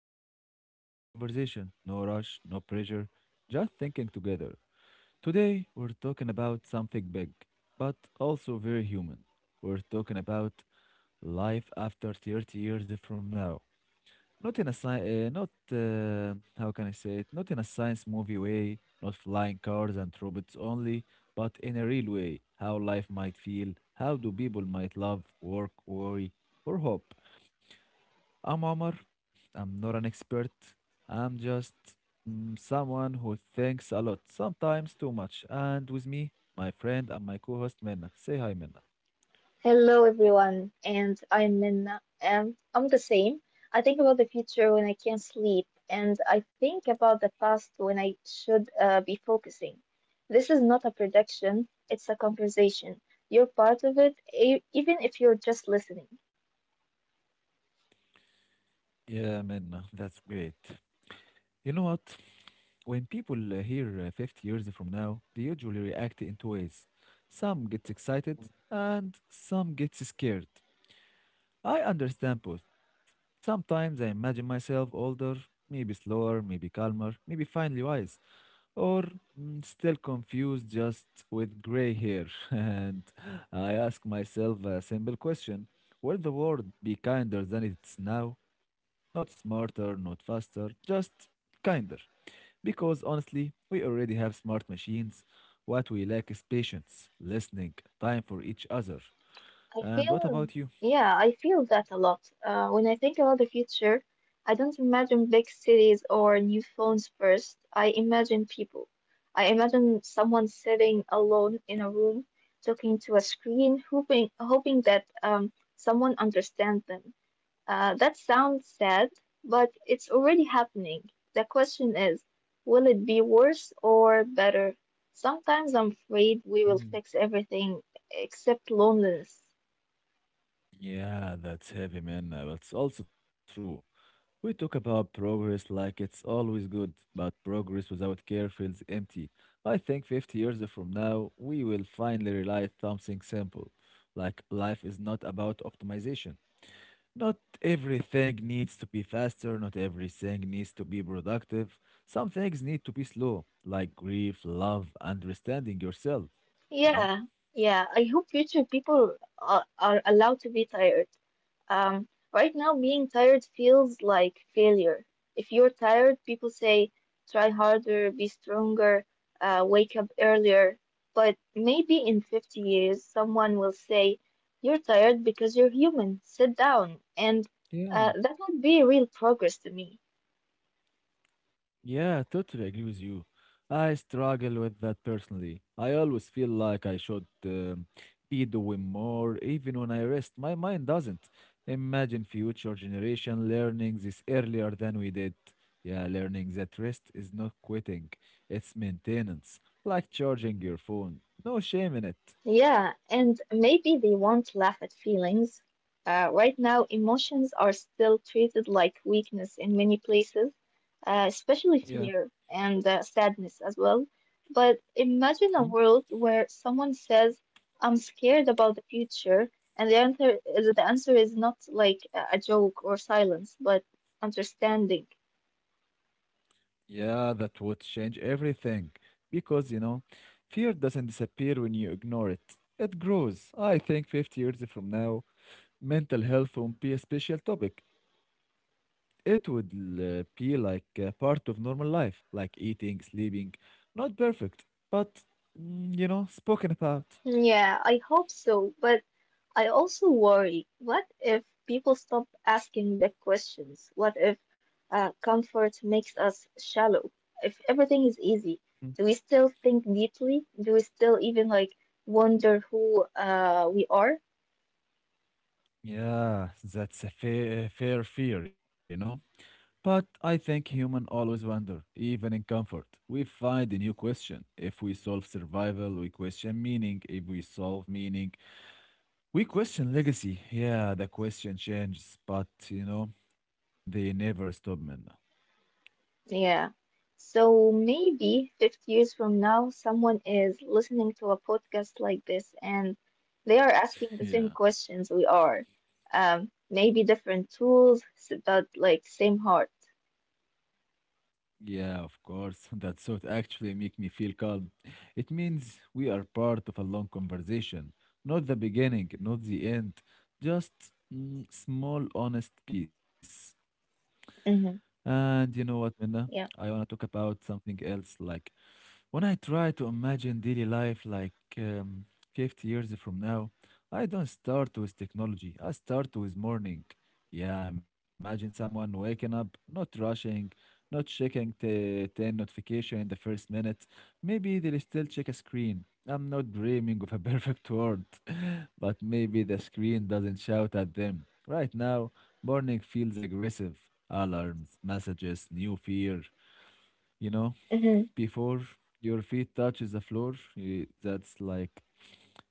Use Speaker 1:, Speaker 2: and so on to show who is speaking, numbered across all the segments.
Speaker 1: listening to a quiet conversation. No rush, no pressure, just thinking together. Today, we're talking about something big, but also very human. We're talking about life after 30 years from now. Not in a sci- not how can I say it? Not in a science movie way, not flying cars and robots only, but in a real way. How life might feel, how do people might love, work, worry, or hope. I'm Omar. I'm not an expert. I'm just someone who thinks a lot, sometimes too much. And with me, my friend and my co host, Minna. Say hi, Minna.
Speaker 2: Hello everyone, and I'm Minna. I'm the same. I think about the future when I can't sleep, and I think about the past when I should be focusing. This is not a prediction, it's a conversation. You're part of it, even if you're just listening.
Speaker 1: Yeah, Minna. That's great. You know what? When people hear 50 years from now, they usually react in two ways. Some gets excited and some gets scared. I understand both. Sometimes I imagine myself older, maybe slower, maybe calmer, maybe finally wise. or Still confused just with gray hair? And I ask myself a simple question. Will the world be kinder than it's now? Not smarter, not faster, just kinder. Because honestly, we already have smart machines. What we lack is patience, listening, time for each other.
Speaker 2: I
Speaker 1: And what
Speaker 2: feel,
Speaker 1: about you?
Speaker 2: yeah, I feel that a lot. When I think about the future, I don't imagine big cities or new phones first. I imagine people. I imagine someone sitting alone in a room, talking to a screen, hoping that someone understands them. That sounds sad, but it's already happening. The question is, will it be worse or better? Sometimes I'm afraid we will fix everything except loneliness.
Speaker 1: Yeah, that's heavy, man. But it's also true. We talk about progress like it's always good, but progress without care feels empty. I think 50 years from now, we will finally realize something simple, like life is not about optimization. Not everything needs to be faster, not everything needs to be productive. Some things need to be slow, like grief, love, understanding yourself, you know?
Speaker 2: Yeah, yeah. I hope future people are allowed to be tired. Um, right now, being tired feels like failure. If you're tired, people say, try harder, be stronger, wake up earlier. But maybe in 50 years, someone will say, you're tired because you're human, sit down. And
Speaker 1: Yeah.
Speaker 2: that would be real progress to me.
Speaker 1: Yeah, totally agree with you. I struggle with that personally. I always feel like I should be doing more, even when I rest. My mind doesn't. Imagine future generation learning this earlier than we did. Yeah, learning that rest is not quitting, it's maintenance, like charging your phone. No shame in it.
Speaker 2: Yeah, and maybe they won't laugh at feelings. Right now, emotions are still treated like weakness in many places, especially
Speaker 1: Yeah.
Speaker 2: fear and sadness as well. But imagine a world where someone says, I'm scared about the future, and the answer is not like a joke or silence, but understanding.
Speaker 1: Yeah, that would change everything. Because, fear doesn't disappear when you ignore it, it grows. I think 50 years from now, mental health won't be a special topic. It would be like a part of normal life, like eating, sleeping. Not perfect, but spoken about.
Speaker 2: Yeah, I hope so, but I also worry, what if people stop asking big questions? What if comfort makes us shallow? If everything is easy,
Speaker 1: Mm.
Speaker 2: do we still think deeply? Do we still even like wonder who we are?
Speaker 1: Yeah, that's a fair fear, But I think humans always wonder, even in comfort. We find a new question. If we solve survival, we question meaning. If we solve meaning, we question legacy. Yeah, the question changes, but they never stop, man.
Speaker 2: Yeah. So maybe 50 years from now, someone is listening to a podcast like this and they are asking the same
Speaker 1: Yeah.
Speaker 2: questions we are. Maybe different tools, but like same heart.
Speaker 1: Yeah, of course. That thought actually make me feel calm. It means we are part of a long conversation, not the beginning, not the end, just small, honest peace.
Speaker 2: Hmm.
Speaker 1: And you know what, Minna? I
Speaker 2: Yeah.
Speaker 1: want to talk about something else like when I try to imagine daily life like 50 years from now, I don't start with technology. I start with morning. Yeah, I imagine someone waking up, not rushing, not checking the 10 notification in the first minute. Maybe they'll still check a screen. I'm not dreaming of a perfect world, but maybe the screen doesn't shout at them. Right now, morning feels aggressive. Alarms, messages, new fear, you know?
Speaker 2: Hmm.
Speaker 1: before your feet touches the floor, that's like,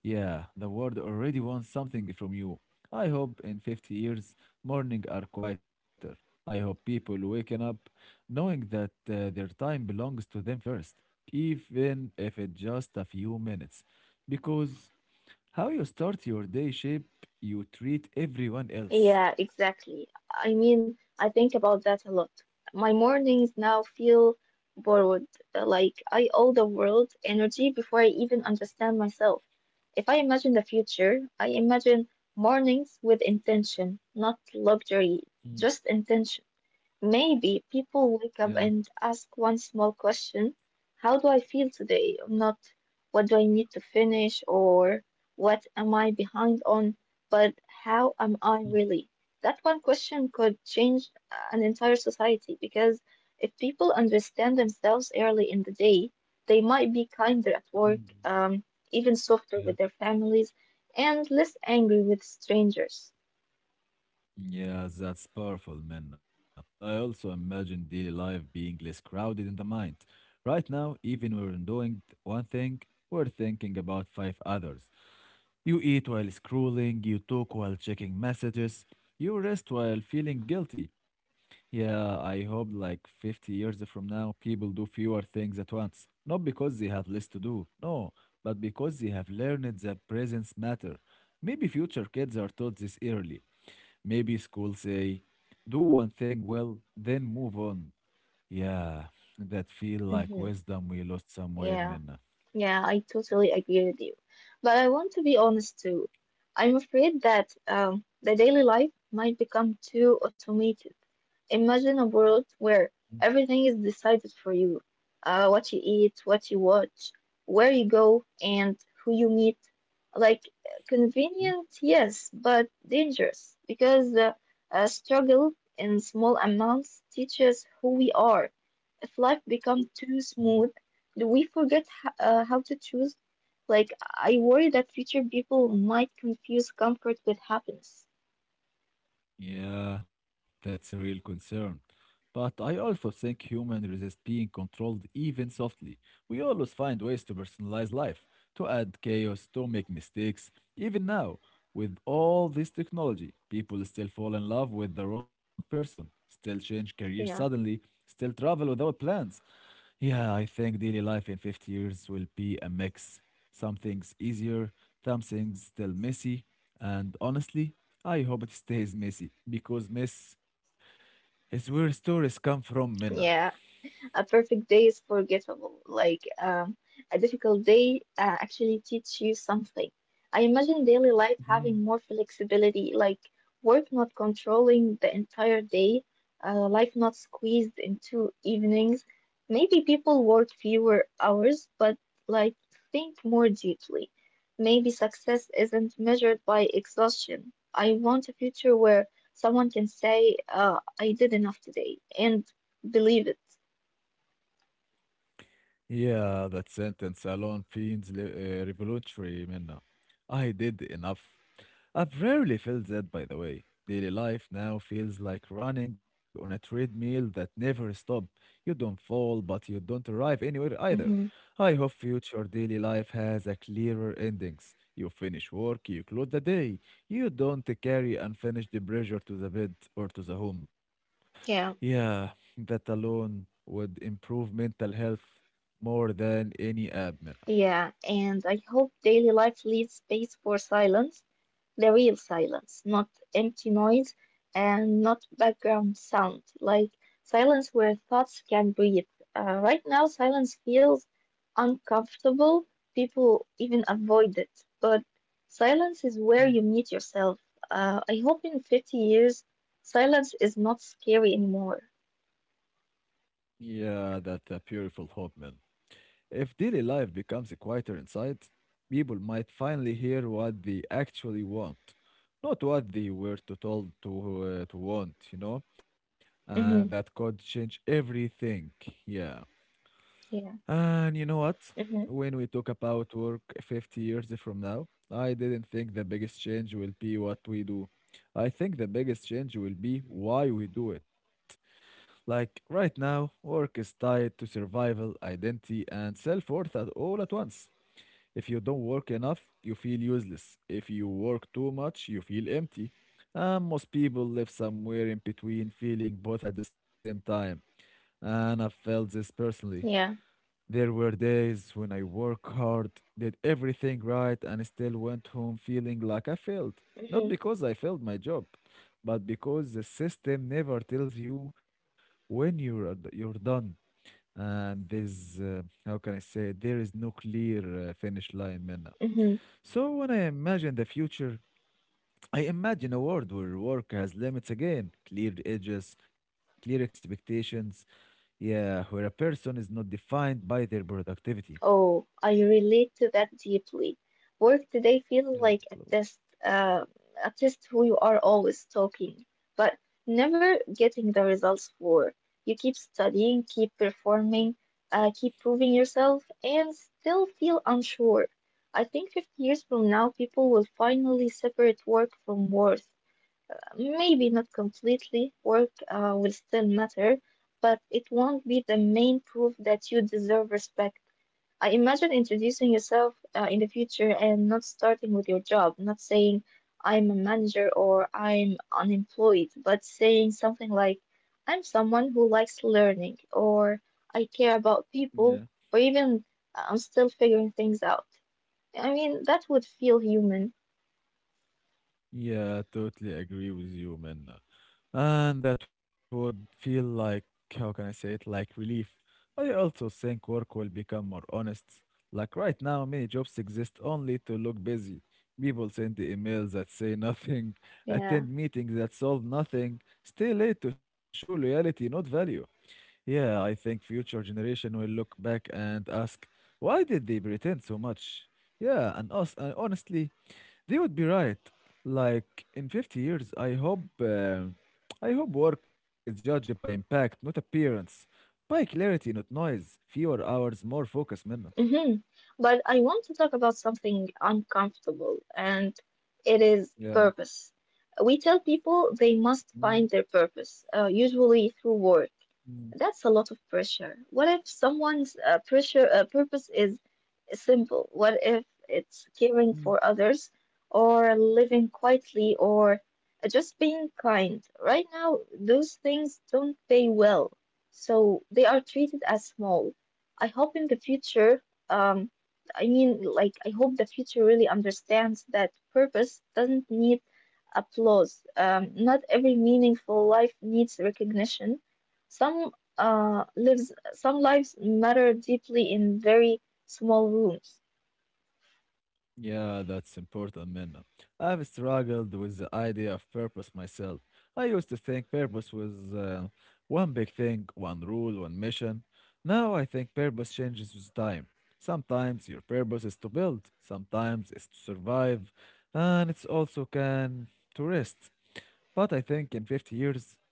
Speaker 1: yeah, the world already wants something from you. I hope in 50 years, morning are quieter. I hope people waking up knowing that their time belongs to them first, even if it's just a few minutes. Because how you start your day shape you treat everyone else.
Speaker 2: Yeah, exactly. I mean, I think about that a lot. My mornings now feel borrowed, like I owe the world energy before I even understand myself. If I imagine the future, I imagine mornings with intention, not luxury,
Speaker 1: Mm,
Speaker 2: just intention. Maybe people
Speaker 1: yeah.
Speaker 2: wake up and ask one small question. How do I feel today? Not what do I need to finish or what am I behind on, but how am I
Speaker 1: Mm,
Speaker 2: really? That one question could change an entire society because if people understand themselves early in the day, they might be kinder at
Speaker 1: mm,
Speaker 2: work, even softer
Speaker 1: Yeah.
Speaker 2: with their families, and less angry with strangers.
Speaker 1: Yeah, that's powerful, Minna. I also imagine daily life being less crowded in the mind. Right now, even when we're doing one thing, we're thinking about five others. You eat while scrolling, you talk while checking messages, you rest while feeling guilty. Yeah, I hope like 50 years from now, people do fewer things at once. Not because they have less to do, no, but because they have learned that presence matter. Maybe future kids are taught this early. Maybe school say, do one thing well, then move on. Yeah, that feel like
Speaker 2: Hmm.
Speaker 1: wisdom we lost somewhere,
Speaker 2: Yeah.
Speaker 1: Minna.
Speaker 2: Yeah, I totally agree with you. But I want to be honest too. I'm afraid that the daily life might become too automated. Imagine a world where everything is decided for you. What you eat, what you watch, where you go, and who you meet. Like,
Speaker 1: Mhm.
Speaker 2: convenient, yes, but dangerous because struggle in small amounts teaches who we are. If life becomes too
Speaker 1: Mm,
Speaker 2: smooth, do we forget how to choose? Like, I worry that future people might confuse comfort with happiness.
Speaker 1: Yeah, that's a real concern. But I also think humans resist being controlled even softly. We always find ways to personalize life, to add chaos, to make mistakes. Even now, with all this technology, people still fall in love with the wrong person, still change careers suddenly,
Speaker 2: Yeah.
Speaker 1: still travel without plans. Yeah, I think daily life in 50 years will be a mix. Some things easier, some things still messy. And honestly, I hope it stays messy because mess is where stories come from, Minna.
Speaker 2: Yeah. A perfect day is forgettable. A difficult day actually teach you something. I imagine daily life having
Speaker 1: Mhm.
Speaker 2: more flexibility, like work not controlling the entire day, life not squeezed into evenings. Maybe people work fewer hours, but like think more deeply. Maybe success isn't measured by exhaustion. I want a future where someone can say, I did enough today, and believe it.
Speaker 1: Yeah, that sentence alone feels revolutionary, Minna. I did enough. I've rarely felt that, by the way. Daily life now feels like running on a treadmill that never stops. You don't fall, but you don't arrive anywhere either.
Speaker 2: Hmm.
Speaker 1: I hope future daily life has a clearer endings. You finish work, you close the day. You don't carry unfinished pressure to the bed or to the home.
Speaker 2: Yeah,
Speaker 1: Yeah, that alone would improve mental health more than any app, Minna.
Speaker 2: yeah, and I hope daily life leaves space for silence, the real silence, not empty noise and not background sound, like silence where thoughts can breathe. Right now, silence feels uncomfortable. People even avoid it, but silence is
Speaker 1: Mm.
Speaker 2: where you meet yourself. I hope in 50 years, silence is not scary anymore.
Speaker 1: Yeah, that's a beautiful hope, Minna. If daily life becomes quieter inside, people might finally hear what they actually want, not what they were to told to want, you know, and that
Speaker 2: Hmm.
Speaker 1: could change everything. Yeah,
Speaker 2: Yeah.
Speaker 1: and you know what?
Speaker 2: Hmm.
Speaker 1: When we talk about work 50 years from now, I didn't think the biggest change will be what we do. I think the biggest change will be why we do it. Like right now, work is tied to survival, identity, and self worth at all at once. If you don't work enough, you feel useless. If you work too much, you feel empty. And most people live somewhere in between, feeling both at the same time. And I felt this personally.
Speaker 2: Yeah.
Speaker 1: There were days when I worked hard, did everything right, and still went home feeling like I failed. Not because I failed my job, but because the system never tells you when you're done. And there's how can I say there is no clear finish line, Minna.
Speaker 2: Hmm.
Speaker 1: So when I imagine the future, I imagine a world where work has limits again, clear edges, clear expectations. Yeah, where a person is not defined by their productivity.
Speaker 2: Oh, I relate to that deeply. Work today feels
Speaker 1: Yeah,
Speaker 2: like
Speaker 1: hello.
Speaker 2: a test who you are always talking, but never getting the results for. You keep studying, keep performing, keep proving yourself, and still feel unsure. I think 50 years from now, people will finally separate work from worth. Maybe not completely, work will still matter, but it won't be the main proof that you deserve respect. I imagine introducing yourself in the future and not starting with your job, not saying I'm a manager or I'm unemployed, but saying something like I'm someone who likes learning or I care about
Speaker 1: yeah,
Speaker 2: people or even I'm still figuring things out. I mean, that would feel human.
Speaker 1: yeah, totally agree with you, Minna. And that would feel like, how can I say it, like relief. I also think work will become more honest. Like right now, many jobs exist only to look busy. People send the emails that say nothing, attend
Speaker 2: Yeah.
Speaker 1: meetings that solve nothing, stay late to show loyalty, not value. Yeah, I think future generation will look back and ask, why did they pretend so much? Yeah, and us, and honestly. They would be right. Like in 50 years, I hope work is judged by impact, not appearance, by clarity, not noise, fewer hours, more focus, Minna.
Speaker 2: Hmm. But I want to talk about something uncomfortable, and it is
Speaker 1: Yeah.
Speaker 2: purpose. We tell people they must
Speaker 1: Mm,
Speaker 2: find their purpose, usually through work.
Speaker 1: mm,
Speaker 2: That's a lot of pressure. What if someone's pressure purpose is simple? What if it's caring
Speaker 1: mm.
Speaker 2: for others, or living quietly, or just being kind? Right now, those things don't pay well, so they are treated as small. I hope in the future, um, I hope the future really understands that purpose doesn't need applause. Not every meaningful life needs recognition. Some lives some lives matter deeply in very small rooms.
Speaker 1: Yeah, that's important, Minna. I've struggled with the idea of purpose myself. I used to think purpose was one big thing, one rule, one mission. Now I think purpose changes with time. Sometimes your purpose is to build, sometimes it's to survive, and it's also can to rest. But I think in 50 years,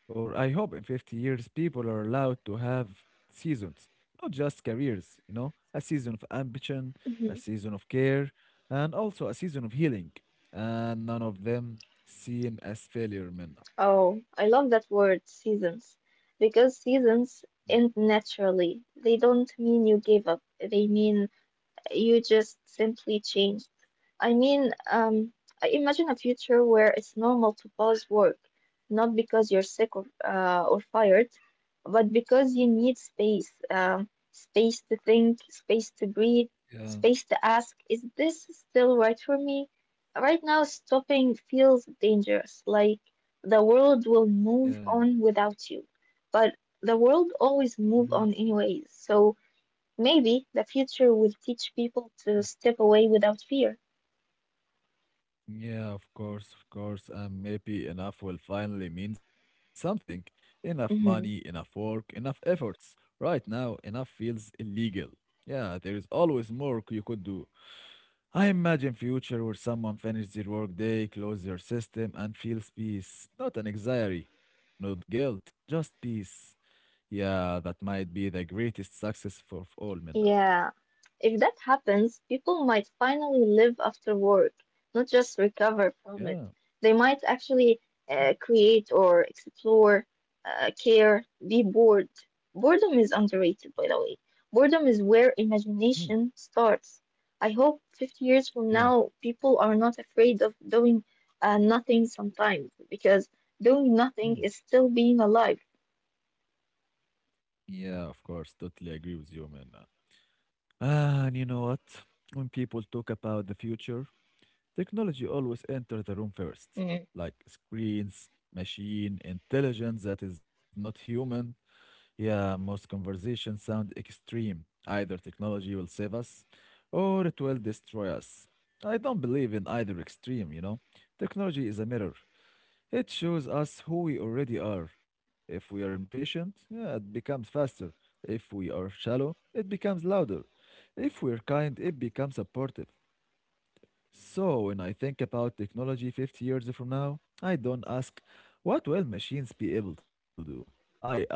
Speaker 1: or I hope in 50 years people are allowed to have seasons, not just careers, you know, a season of ambition,
Speaker 2: Mhm.
Speaker 1: a season of care, and also a season of healing. And none of them seen as failure, man.
Speaker 2: Oh, I love that word, seasons, because seasons end naturally. They don't mean you give up. They mean you just simply changed. I mean, um, I imagine a future where it's normal to pause work, not because you're sick or fired, but because you need space, space to think, space to breathe,
Speaker 1: Yeah,
Speaker 2: space to ask, is this still right for me? Right now, stopping feels dangerous, like the world will
Speaker 1: yeah.
Speaker 2: move on without you. But the world always
Speaker 1: hmm
Speaker 2: move on anyways. So, maybe the future will teach people to step away without fear.
Speaker 1: Yeah, of course, of course. And maybe enough will finally mean something. Enough money, enough
Speaker 2: Hmm.
Speaker 1: work, enough efforts. Right now, enough feels illegal. Yeah, there is always more you could do. I imagine future where someone finish their workday, close their system, and feels peace. Not an anxiety, not guilt, just peace. Yeah, that might be the greatest success for of all Minna.
Speaker 2: Yeah. If that happens, people might finally live after work, not just recover from it.
Speaker 1: Yeah.
Speaker 2: They might actually create or explore, care, be bored. Boredom is underrated, by the way. Boredom is where
Speaker 1: Mhm.
Speaker 2: imagination starts. I hope 50 years from
Speaker 1: Yeah.
Speaker 2: now, people are not afraid of doing nothing sometimes, because doing nothing
Speaker 1: Mm.
Speaker 2: is still being alive.
Speaker 1: Yeah, of course. Totally agree with you, man. Ah, and you know what? When people talk about the future, technology always enters the room first. Like screens, machine, intelligence that is not human. Yeah, most conversations sound extreme. Either technology will save us or it will destroy us. I don't believe in either extreme, you know. Technology is a mirror. It shows us who we already are. If we are impatient, yeah, it becomes faster. If we are shallow, it becomes louder. If we're kind, it becomes supportive. So when I think about technology 50 years from now, I don't ask, what will machines be able to do? I ask,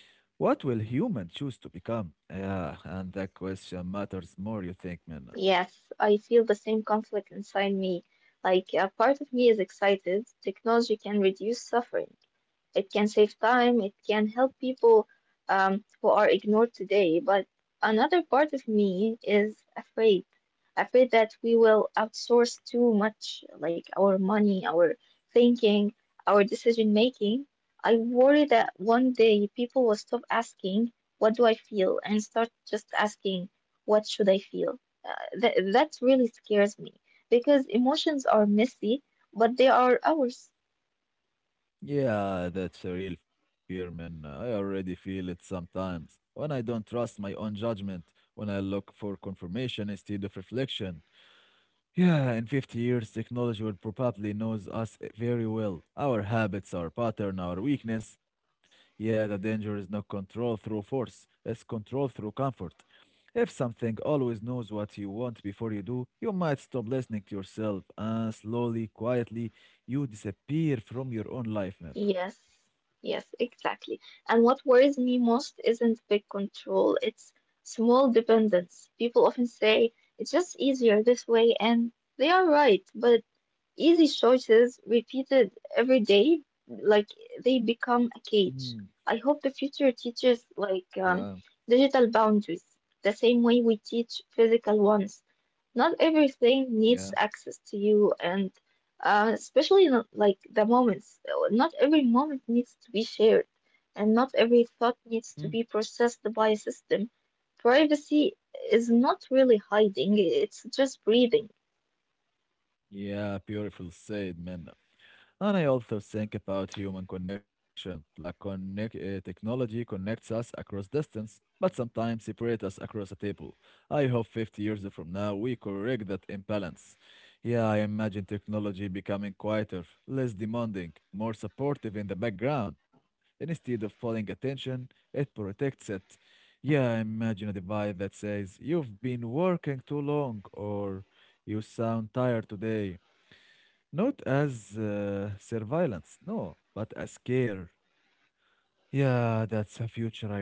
Speaker 1: what will human choose to become? Yeah, and that question matters more, you think, Minna.
Speaker 2: Yes, I feel the same conflict inside me. Like, a part of me is excited. Technology can reduce suffering. It can save time, it can help people who are ignored today. But another part of me is afraid, afraid that we will outsource too much, like our money, our thinking, our decision making. I worry that one day people will stop asking, what do I feel? And start just asking, what should I feel? Uh, that really scares me because emotions are messy, but they are ours.
Speaker 1: Yeah, that's a real fear, Minna. I already feel it sometimes. When I don't trust my own judgment, when I look for confirmation instead of reflection. Yeah, in 50 years, technology will probably knows us very well. Our habits, our pattern, our weakness. Yeah, the danger is not control through force, it's control through comfort. If something always knows what you want before you do, you might stop listening to yourself, and slowly, quietly, you disappear from your own life, Nana.
Speaker 2: Yes, yes, exactly. And what worries me most isn't big control, it's small dependence. People often say it's just easier this way, and they are right, but easy choices repeated every day, like they become a
Speaker 1: Mm,
Speaker 2: cage. I hope the future teaches
Speaker 1: yeah,
Speaker 2: digital boundaries, the same way we teach physical ones. Not everything
Speaker 1: yeah.
Speaker 2: needs access to you, and especially not, like the moments. Not every moment needs to be shared, and not every thought
Speaker 1: Mm,
Speaker 2: needs to be processed by a system. Privacy is not really hiding, it's just breathing.
Speaker 1: yeah, beautiful said, man. And I also think about human connection, like technology connects us across distance, but sometimes separates us across a table. I hope 50 years from now we correct that imbalance. Yeah, I imagine technology becoming quieter, less demanding, more supportive in the background. Instead of pulling attention, it protects it. Yeah, I imagine a device that says, "You've been working too long," or "You sound tired today." Not as surveillance, no, but as care. Yeah, that's a future I want.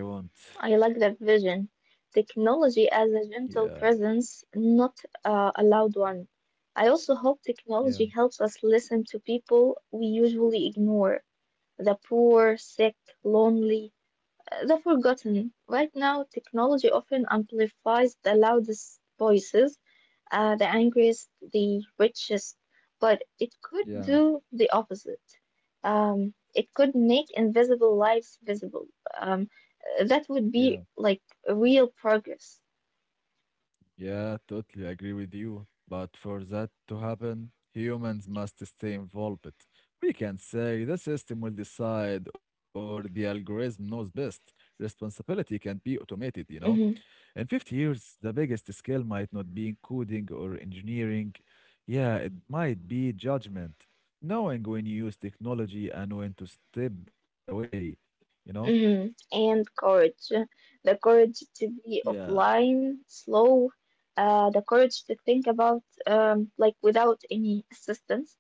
Speaker 2: I like that vision. Technology as a gentle
Speaker 1: Yeah,
Speaker 2: presence, not a loud one. I also hope technology
Speaker 1: yeah,
Speaker 2: helps us listen to people we usually ignore the poor, sick, lonely, the forgotten. Right now, technology often amplifies the loudest voices, the angriest, the richest, but it could
Speaker 1: yeah,
Speaker 2: do the opposite. It could make invisible lives visible. Um, that
Speaker 1: yeah,
Speaker 2: would be like real progress.
Speaker 1: yeah, totally agree with you. But for that to happen, humans must stay involved. We can say the system will decide or the algorithm knows best. Responsibility can be automated, you know?
Speaker 2: Hmm.
Speaker 1: In 50 years, the biggest skill might not be coding or engineering. Yeah, it might be judgment, knowing when you use technology and when to step away, you know?
Speaker 2: Hmm. And courage. The courage to be
Speaker 1: Yeah.
Speaker 2: offline, slow, the courage to think about without any assistance.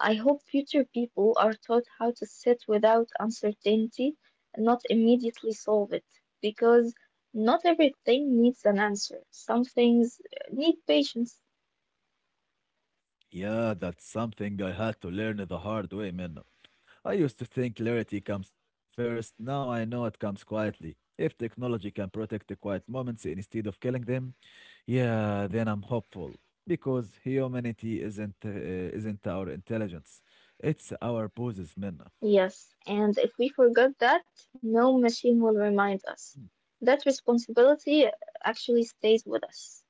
Speaker 2: I hope future people are taught how to sit without uncertainty and not immediately solve it, because not everything needs an answer. Some things need patience.
Speaker 1: Yeah, that's something I had to learn the hard way, man. I used to think clarity comes first, now I know it comes quietly. If technology can protect the quiet moments instead of killing them, yeah, then I'm hopeful because humanity isn't our intelligence. It's our poses, Minna.
Speaker 2: Yes, and if we forget that, no machine will remind us. That responsibility actually stays with us.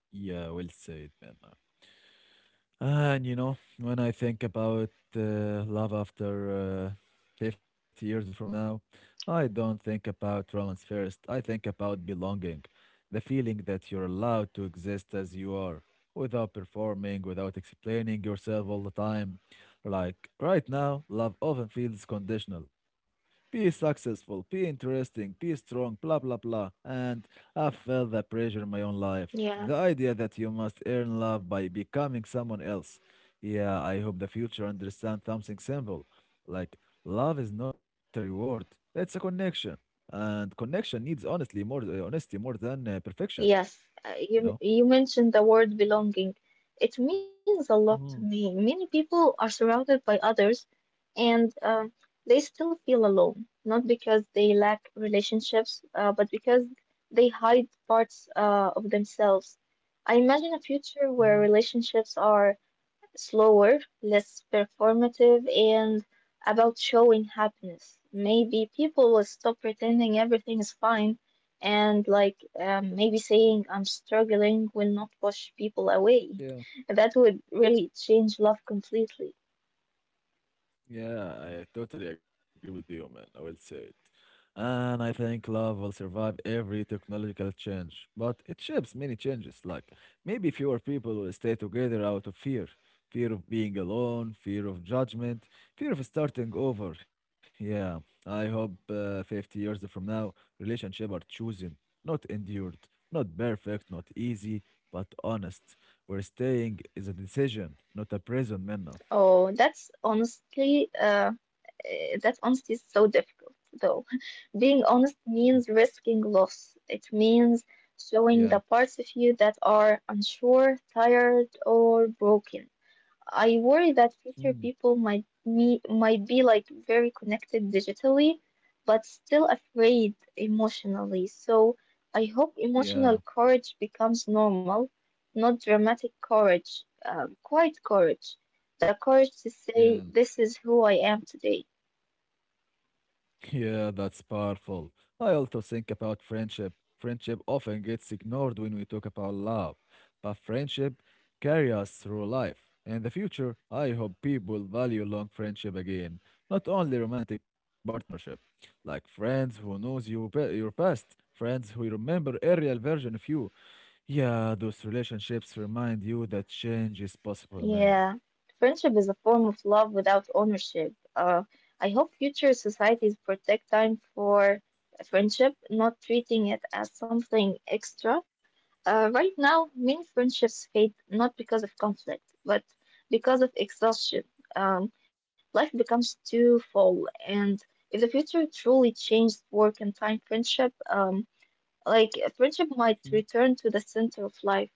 Speaker 1: Yeah, well said, Minna. And you know, when I think about love after 50 years from now, I don't think about romance first. I think about belonging, the feeling that you're allowed to exist as you are, without performing, without explaining yourself all the time. Like right now, love often feels conditional. Be successful, be interesting, be strong, blah, blah, blah. And I felt the pressure in my own life.
Speaker 2: Yeah.
Speaker 1: The idea that you must earn love by becoming someone else. Yeah, I hope the future understands something simple. Like, love is not a reward, it's a connection. And connection needs honestly more honesty more than perfection,
Speaker 2: Yes, uh,
Speaker 1: you
Speaker 2: you
Speaker 1: know?
Speaker 2: you mentioned the word belonging. It means a lot to me.
Speaker 1: Mm-hmm.
Speaker 2: Many people are surrounded by others and they still feel alone, not because they lack relationships, but because they hide parts of themselves. I imagine a future
Speaker 1: Hmm.
Speaker 2: where relationships are slower, less performative, and about showing happiness. Maybe people will stop pretending everything is fine, and maybe saying I'm struggling will not push people away.
Speaker 1: Yeah.
Speaker 2: That would really change love completely.
Speaker 1: Yeah, I totally agree with you, man. I will say it. And I think love will survive every technological change, but it shapes many changes. Like maybe fewer people will stay together out of fear, fear of being alone, fear of judgment, fear of starting over. Yeah, I hope 50 years from now, relationships are chosen, not endured, not perfect, not easy, but honest. Where staying is a decision, not a prison, Minna.
Speaker 2: Oh, that's honestly, uh, that honesty is so difficult, though. Being honest means risking loss. It means
Speaker 1: Yeah.
Speaker 2: showing the parts of you that are unsure, tired, or broken. I worry that future
Speaker 1: Hmm.
Speaker 2: people might be like very connected digitally, but still afraid emotionally. So I hope
Speaker 1: Yeah,
Speaker 2: emotional courage becomes normal, not dramatic courage, quiet courage, the courage to say,
Speaker 1: yeah,
Speaker 2: "This is who I am today."
Speaker 1: yeah, that's powerful. I also think about friendship. Friendship often gets ignored when we talk about love, but friendship carries us through life. In the future, I hope people value long friendship again, not only romantic partnership, like friends who knows you your past, friends who remember a real version of you. Yeah, those relationships remind you that change is possible, man.
Speaker 2: Yeah, friendship is a form of love without ownership. I hope future societies protect time for friendship, not treating it as something extra. Right now, many friendships fade not because of conflict, but because of exhaustion. Um, Life becomes too full, and if the future truly changed work and time friendship, like friendship might return to the center of life.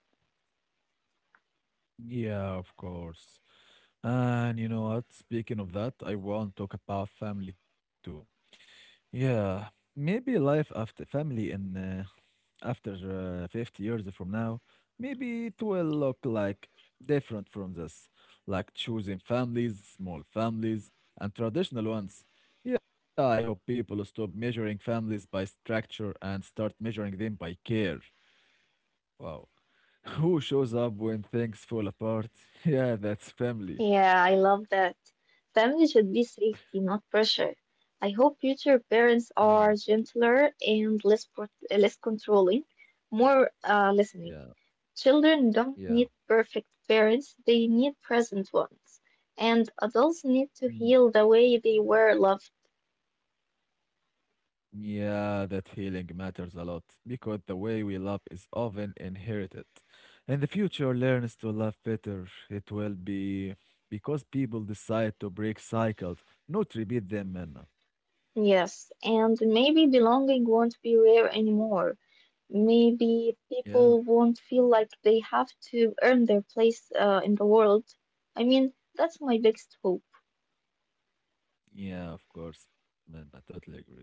Speaker 1: Yeah, of course. And you know what? Speaking of that, I want to talk about family too. Yeah, maybe life after family and after 50 years from now, maybe it will look like different from this, like choosing families, small families, and traditional ones. Yeah, I hope people stop measuring families by structure and start measuring them by care. Wow. Who shows up when things fall apart? Yeah, that's family.
Speaker 2: Yeah, I love that. Family should be safety, not pressure. I hope future parents
Speaker 1: Mm,
Speaker 2: are gentler and less controlling, more listening.
Speaker 1: yeah,
Speaker 2: Children don't
Speaker 1: yeah.
Speaker 2: need perfect parents, they need present ones. And adults need to
Speaker 1: Mm.
Speaker 2: heal the way they were loved.
Speaker 1: Yeah, that healing matters a lot because the way we love is often inherited. And the future learns to love better. It will be because people decide to break cycles, not repeat them, man.
Speaker 2: Yes, and maybe belonging won't be rare anymore. Maybe
Speaker 1: Yeah,
Speaker 2: people won't feel like they have to earn their place in the world. I mean, that's my biggest hope.
Speaker 1: yeah, of course, man. I totally agree with you.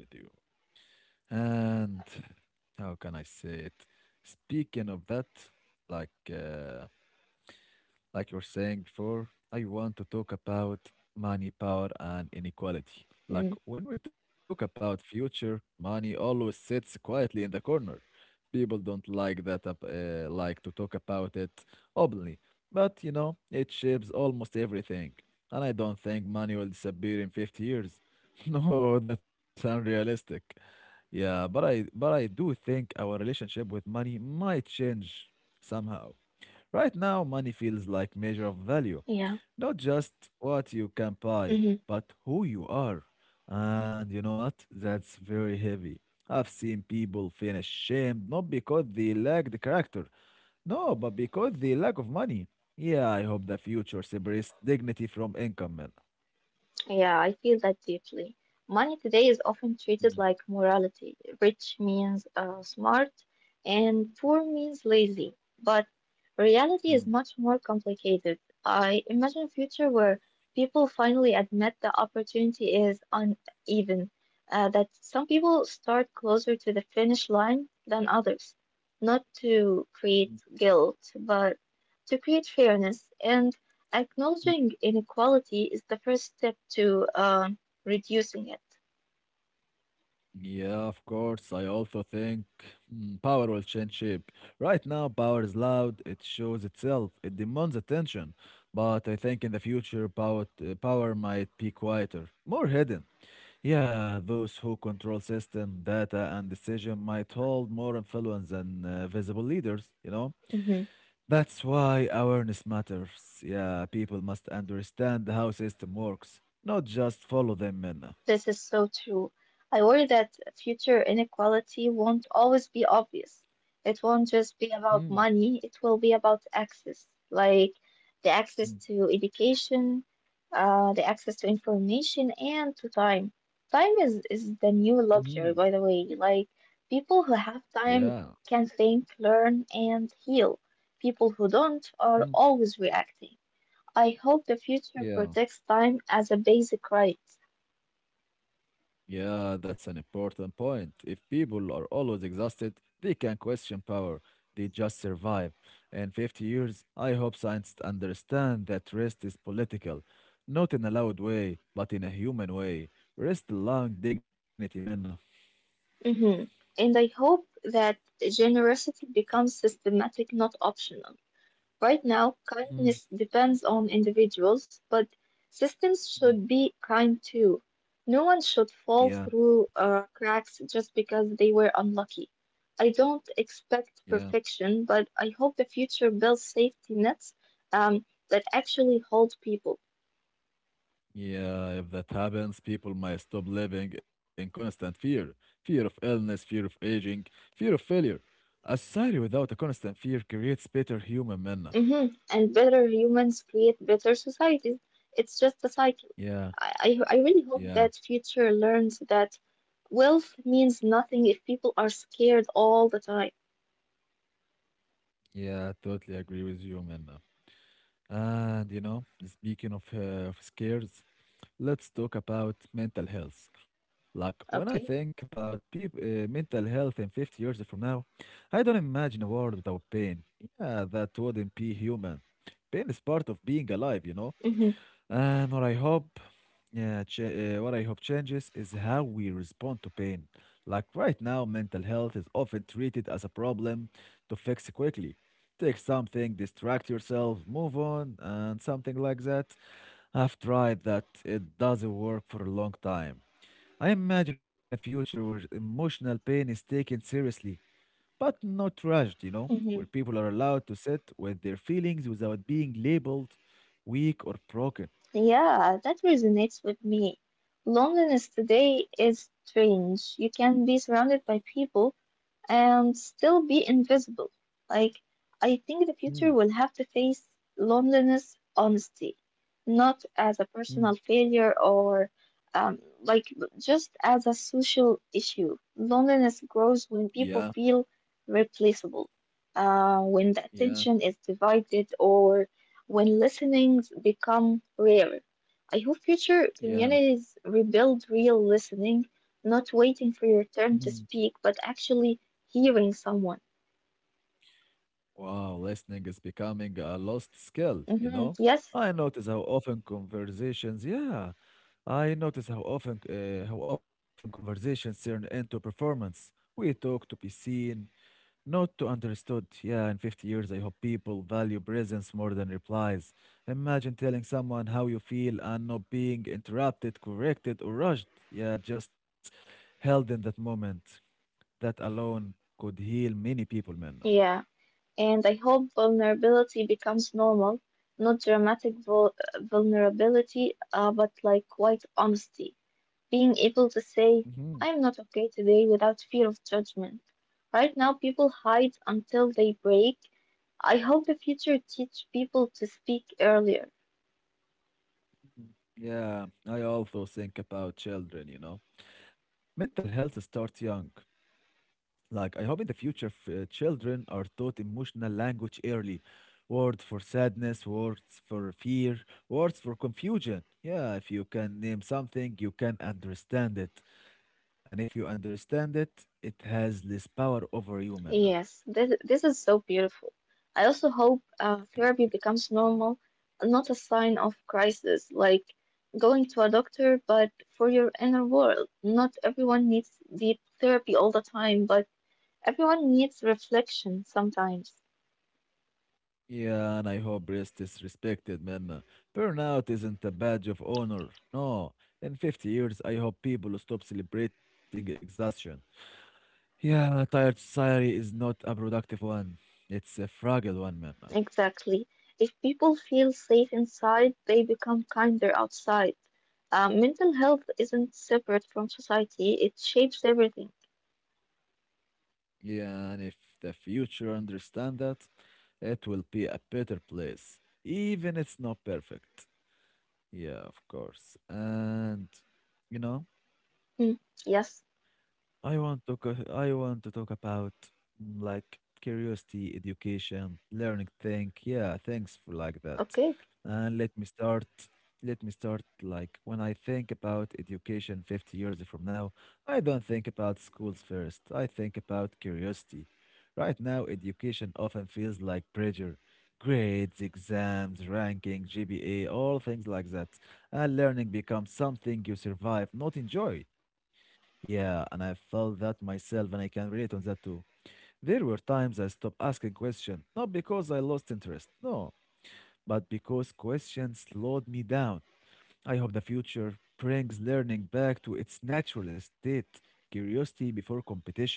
Speaker 1: And how can I say it? Speaking of that, like, uh, like you were saying before, I want to talk about money, power, and inequality. Like
Speaker 2: Mm.
Speaker 1: when we talk about future, money always sits quietly in the corner. People don't like like to talk about it openly. But you know, it shapes almost everything. And I don't think money will disappear in 50 years. No, that's unrealistic. Yeah, but I do think our relationship with money might change somehow. Right now, money feels like measure of value, not
Speaker 2: Yeah.
Speaker 1: just what you can buy, but
Speaker 2: Mhm.
Speaker 1: who you are. And you know what? That's very heavy. I've seen people feel ashamed not because they lack the character, no, but because they lack of money. Yeah, I hope the future separates dignity from income, man.
Speaker 2: Yeah, I feel that deeply. Money today is often
Speaker 1: Mm,
Speaker 2: treated like morality. Rich means smart, and poor means lazy. But reality is
Speaker 1: mm,
Speaker 2: much more complicated. I imagine a future where people finally admit the opportunity is uneven, that some people start closer to the finish line than others. Not to
Speaker 1: mm.
Speaker 2: create guilt, but to create fairness and acknowledging inequality is the first step to reducing it.
Speaker 1: Yeah, of course. I also think mm, power will change shape. Right now, power is loud, it shows itself, it demands attention. But I think in the future, power might be quieter, more hidden. Yeah, those who control system, data, and decision might hold more influence than visible leaders, you know?
Speaker 2: Mm-hmm.
Speaker 1: That's why awareness matters. Yeah, people must understand how system works, not just follow them in.
Speaker 2: This is so true. I worry that future inequality won't always be obvious. It won't just be about
Speaker 1: Hmm.
Speaker 2: money, it will be about access, like the access
Speaker 1: Hmm,
Speaker 2: to education, the access to information, and to time. Time is the new
Speaker 1: mhm.
Speaker 2: luxury, by the way. Like, people who have time
Speaker 1: Yeah.
Speaker 2: can think, learn, and heal. People who don't are
Speaker 1: Mm,
Speaker 2: always reacting. I hope the future protects
Speaker 1: yeah,
Speaker 2: time as a basic right.
Speaker 1: yeah, that's an important point. If people are always exhausted, they can question power. They just survive. In 50 years, I hope scientists understand that rest is political, not in a loud way, but in a human way. Rest allowing dignity, Minna.
Speaker 2: Hmm. And I hope that generosity becomes systematic, not optional. Right now,
Speaker 1: Mm,
Speaker 2: kindness depends on individuals, but systems
Speaker 1: mm.
Speaker 2: should be kind too. No one should fall
Speaker 1: Yeah,
Speaker 2: through cracks just because they were unlucky. I don't
Speaker 1: yeah.
Speaker 2: expect perfection, but I hope the future builds safety nets that actually hold people.
Speaker 1: Yeah, if that happens, people might stop living in constant fear, fear of illness, fear of aging, fear of failure. A society without a constant fear creates better human Minna.
Speaker 2: Hmm. And better humans create better societies. It's just a cycle.
Speaker 1: Yeah,
Speaker 2: I, I really hope
Speaker 1: yeah,
Speaker 2: that future learns that wealth means nothing if people are scared all the time.
Speaker 1: yeah, I totally agree with you, Minna. And you know, speaking of scares, let's talk about mental health. Like when I think
Speaker 2: Okay.
Speaker 1: about mental health in 50 years from now, I don't imagine a world without pain. Yeah, that wouldn't be human. Pain is part of being alive, you know.
Speaker 2: Hmm.
Speaker 1: And what I hope, what I hope changes is how we respond to pain. Like right now, mental health is often treated as a problem to fix quickly. Take something, distract yourself, move on, and something like that. I've tried that. It doesn't work for a long time. I imagine a future where emotional pain is taken seriously, but not rushed, you know, where
Speaker 2: Hmm.
Speaker 1: people are allowed to sit with their feelings without being labeled weak or broken.
Speaker 2: Yeah, that resonates with me. Loneliness today is strange. You can be surrounded by people, and still be invisible. Like, I think the
Speaker 1: Hmm,
Speaker 2: future will have to face loneliness honesty, not as a
Speaker 1: hmm.
Speaker 2: personal failure or like just as a social issue. Loneliness grows when
Speaker 1: Yeah,
Speaker 2: people feel replaceable, when the
Speaker 1: yeah,
Speaker 2: attention is divided, or when listenings become rare. I hope future
Speaker 1: yeah.
Speaker 2: communities rebuild real listening, not waiting for your
Speaker 1: Mhm.
Speaker 2: turn to speak, but actually hearing someone.
Speaker 1: Wow, listening is becoming a lost skill, you
Speaker 2: Hmm.
Speaker 1: know?
Speaker 2: Yes,
Speaker 1: I notice how often conversations, yeah, I notice how often conversations turn into performance. We talk to be seen, not to understood. Yeah, in 50 years, I hope people value presence more than replies. Imagine telling someone how you feel and not being interrupted, corrected, or rushed. Yeah, just held in that moment. That alone could heal many people, Minna.
Speaker 2: yeah. And I hope vulnerability becomes normal, not dramatic vulnerability, but like quite honesty. Being able to
Speaker 1: Hmm.
Speaker 2: say, I'm not okay today without fear of judgment. Right now, people hide until they break. I hope the future teach people to speak earlier.
Speaker 1: Yeah, I also think about children, you know. Mental health starts young. Like, I hope in the future children are taught emotional language early. Words for sadness, words for fear, words for confusion. Yeah, if you can name something, you can understand it. And if you understand it, it has less power over you, Minna.
Speaker 2: Yes, this is so beautiful. I also hope
Speaker 1: Thank you.
Speaker 2: therapy becomes normal, and not a sign of crisis, like going to a doctor, but for your inner world. Not everyone needs deep therapy all the time, but everyone needs reflection sometimes.
Speaker 1: Yeah, and I hope rest is respected, Minna. Burnout isn't a badge of honor. No. In 50 years, I hope people stop celebrating exhaustion. Yeah, a tired society is not a productive one. It's a fragile one, man.
Speaker 2: Exactly. If people feel safe inside, they become kinder outside. Mental health isn't separate from society, it shapes everything.
Speaker 1: Yeah, and if the future understand that, it will be a better place. Even it's not perfect. Yeah, of course. And you know?
Speaker 2: Hmm. Yes,
Speaker 1: I want to talk about mm, like curiosity, education, learning think. Yeah, thanks for like that.
Speaker 2: okay.
Speaker 1: And let me start like when I think about education 50 years from now, I don't think about schools first. I think about curiosity. Right now, education often feels like pressure. Grades, exams, ranking, GPA, all things like that. And learning becomes something you survive, not enjoy. Yeah, and I felt that myself, and I can relate on that too. There were times I stopped asking questions, not because I lost interest, no, but because questions slowed me down. I hope the future brings learning back to its natural state, curiosity before competition,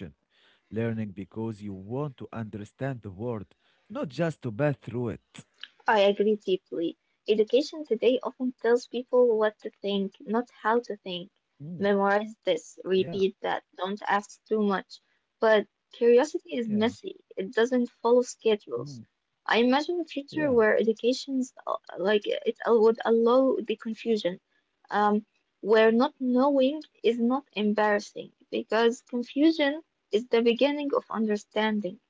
Speaker 1: learning because you want to understand the world, not just to pass through it.
Speaker 2: I agree deeply. Education today often tells people what to think, not how to think.
Speaker 1: Mm,
Speaker 2: Memorize this,
Speaker 1: yeah,
Speaker 2: repeat that, don't ask too much. But curiosity
Speaker 1: yeah,
Speaker 2: is messy, it doesn't follow
Speaker 1: mm,
Speaker 2: schedules. I imagine a future
Speaker 1: yeah.
Speaker 2: where education's like it al- would allow the confusion, um, where not knowing is not embarrassing because confusion is the beginning of understanding.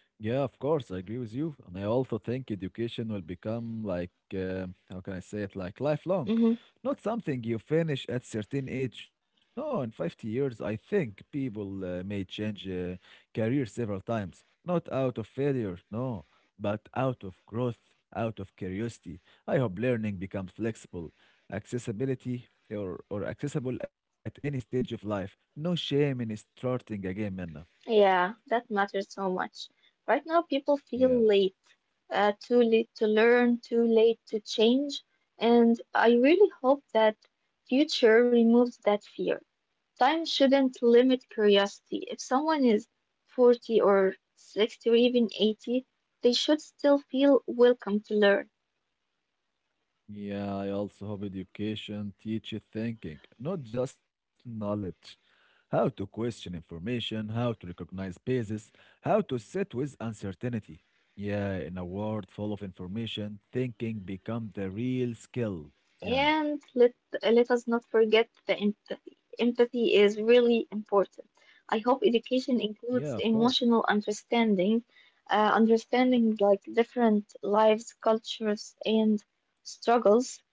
Speaker 1: Yeah, of course, I agree with you. And I also think education will become how can I say it, like lifelong,
Speaker 2: Mm-hmm.
Speaker 1: not something you finish at certain age. No, in 50 years, I think people may change career several times, not out of failure, no, but out of growth, out of curiosity. I hope learning becomes flexible, accessibility or accessible at any stage of life. No shame in starting again, Minna.
Speaker 2: Yeah, that matters so much. Right now, people feel
Speaker 1: Yeah.
Speaker 2: late, too late to learn, too late to change, and I really hope that future removes that fear. Time shouldn't limit curiosity. If someone is 40 or 60 or even 80, they should still feel welcome to learn.
Speaker 1: Yeah, I also hope education teaches thinking, not just knowledge. How to question information, how to recognize biases, how to sit with uncertainty. Yeah, in a world full of information, thinking becomes the real skill. Yeah,
Speaker 2: And let us not forget the empathy. Empathy is really important. I hope education
Speaker 1: yeah, of
Speaker 2: includes
Speaker 1: course.
Speaker 2: emotional understanding, understanding like different lives, cultures, and struggles,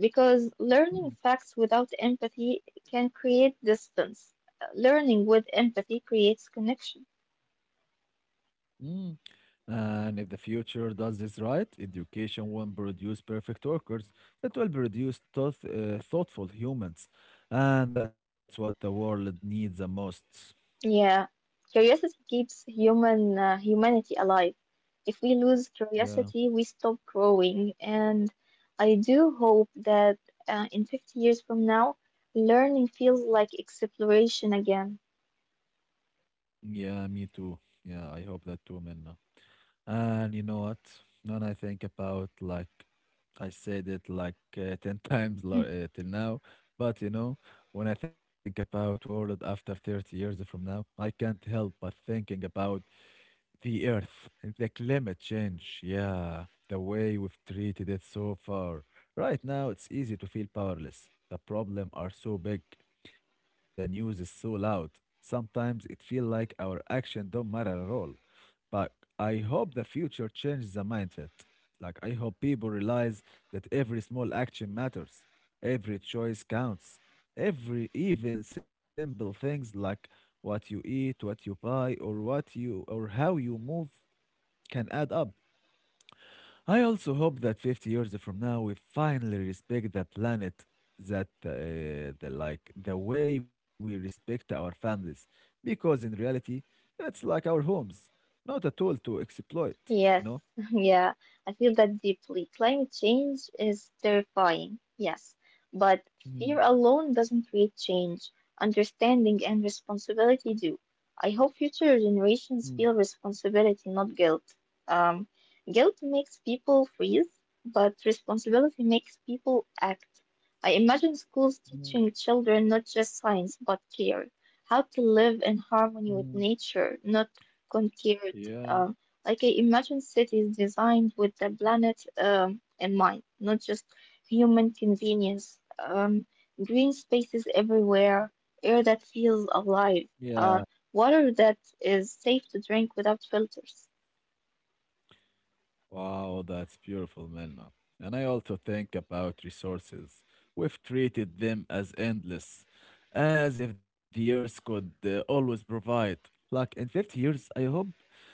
Speaker 2: because learning
Speaker 1: Mm.
Speaker 2: facts without empathy can create distance. Learning with empathy creates connection.
Speaker 1: Mm. And if the future does this right, education won't produce perfect workers. It will produce thoughtful humans. And that's what the world needs the most.
Speaker 2: Yeah, curiosity keeps humanity alive. If we lose
Speaker 1: Yeah,
Speaker 2: curiosity, we stop growing. And I do hope that in 50 years from now, learning feels like exploration again.
Speaker 1: yeah, me too. Yeah, I hope that too, Minna. And you know what? When I think about like I said it like 10 times till now, but you know, when I think about world after 30 years from now, I can't help but thinking about the earth and the climate change. Yeah, the way we've treated it so far. Right now, it's easy to feel powerless. The problem are so big. The news is so loud. Sometimes it feels like our action don't matter at all. But I hope the future changes the mindset. Like I hope people realize that every small action matters, every choice counts, every even simple things like what you eat, what you buy, or what you or how you move can add up. I also hope that 50 years from now we finally respect the planet that the like the way we respect our families because in reality it's like our homes, not a tool to exploit, you
Speaker 2: Yes,
Speaker 1: know.
Speaker 2: yeah, I feel that deeply. Climate change is terrifying, yes, but fear
Speaker 1: Mm,
Speaker 2: alone doesn't create change. Understanding and responsibility do. I hope future
Speaker 1: mm,
Speaker 2: generations feel responsibility, not guilt. Um, Guilt makes people freeze, but responsibility makes people act. I imagine schools
Speaker 1: mm,
Speaker 2: teaching children not just science, but care, how to live in harmony
Speaker 1: mm.
Speaker 2: with nature, not conquered.
Speaker 1: Yeah,
Speaker 2: uh, like I imagine cities designed with the planet in mind, not just human convenience. Green spaces everywhere, air that feels alive,
Speaker 1: yeah.
Speaker 2: uh, water that is safe to drink without filters.
Speaker 1: Wow, that's beautiful, Melna. And I also think about resources. We've treated them as endless, as if the earth could always provide. Like in 50 years, I hope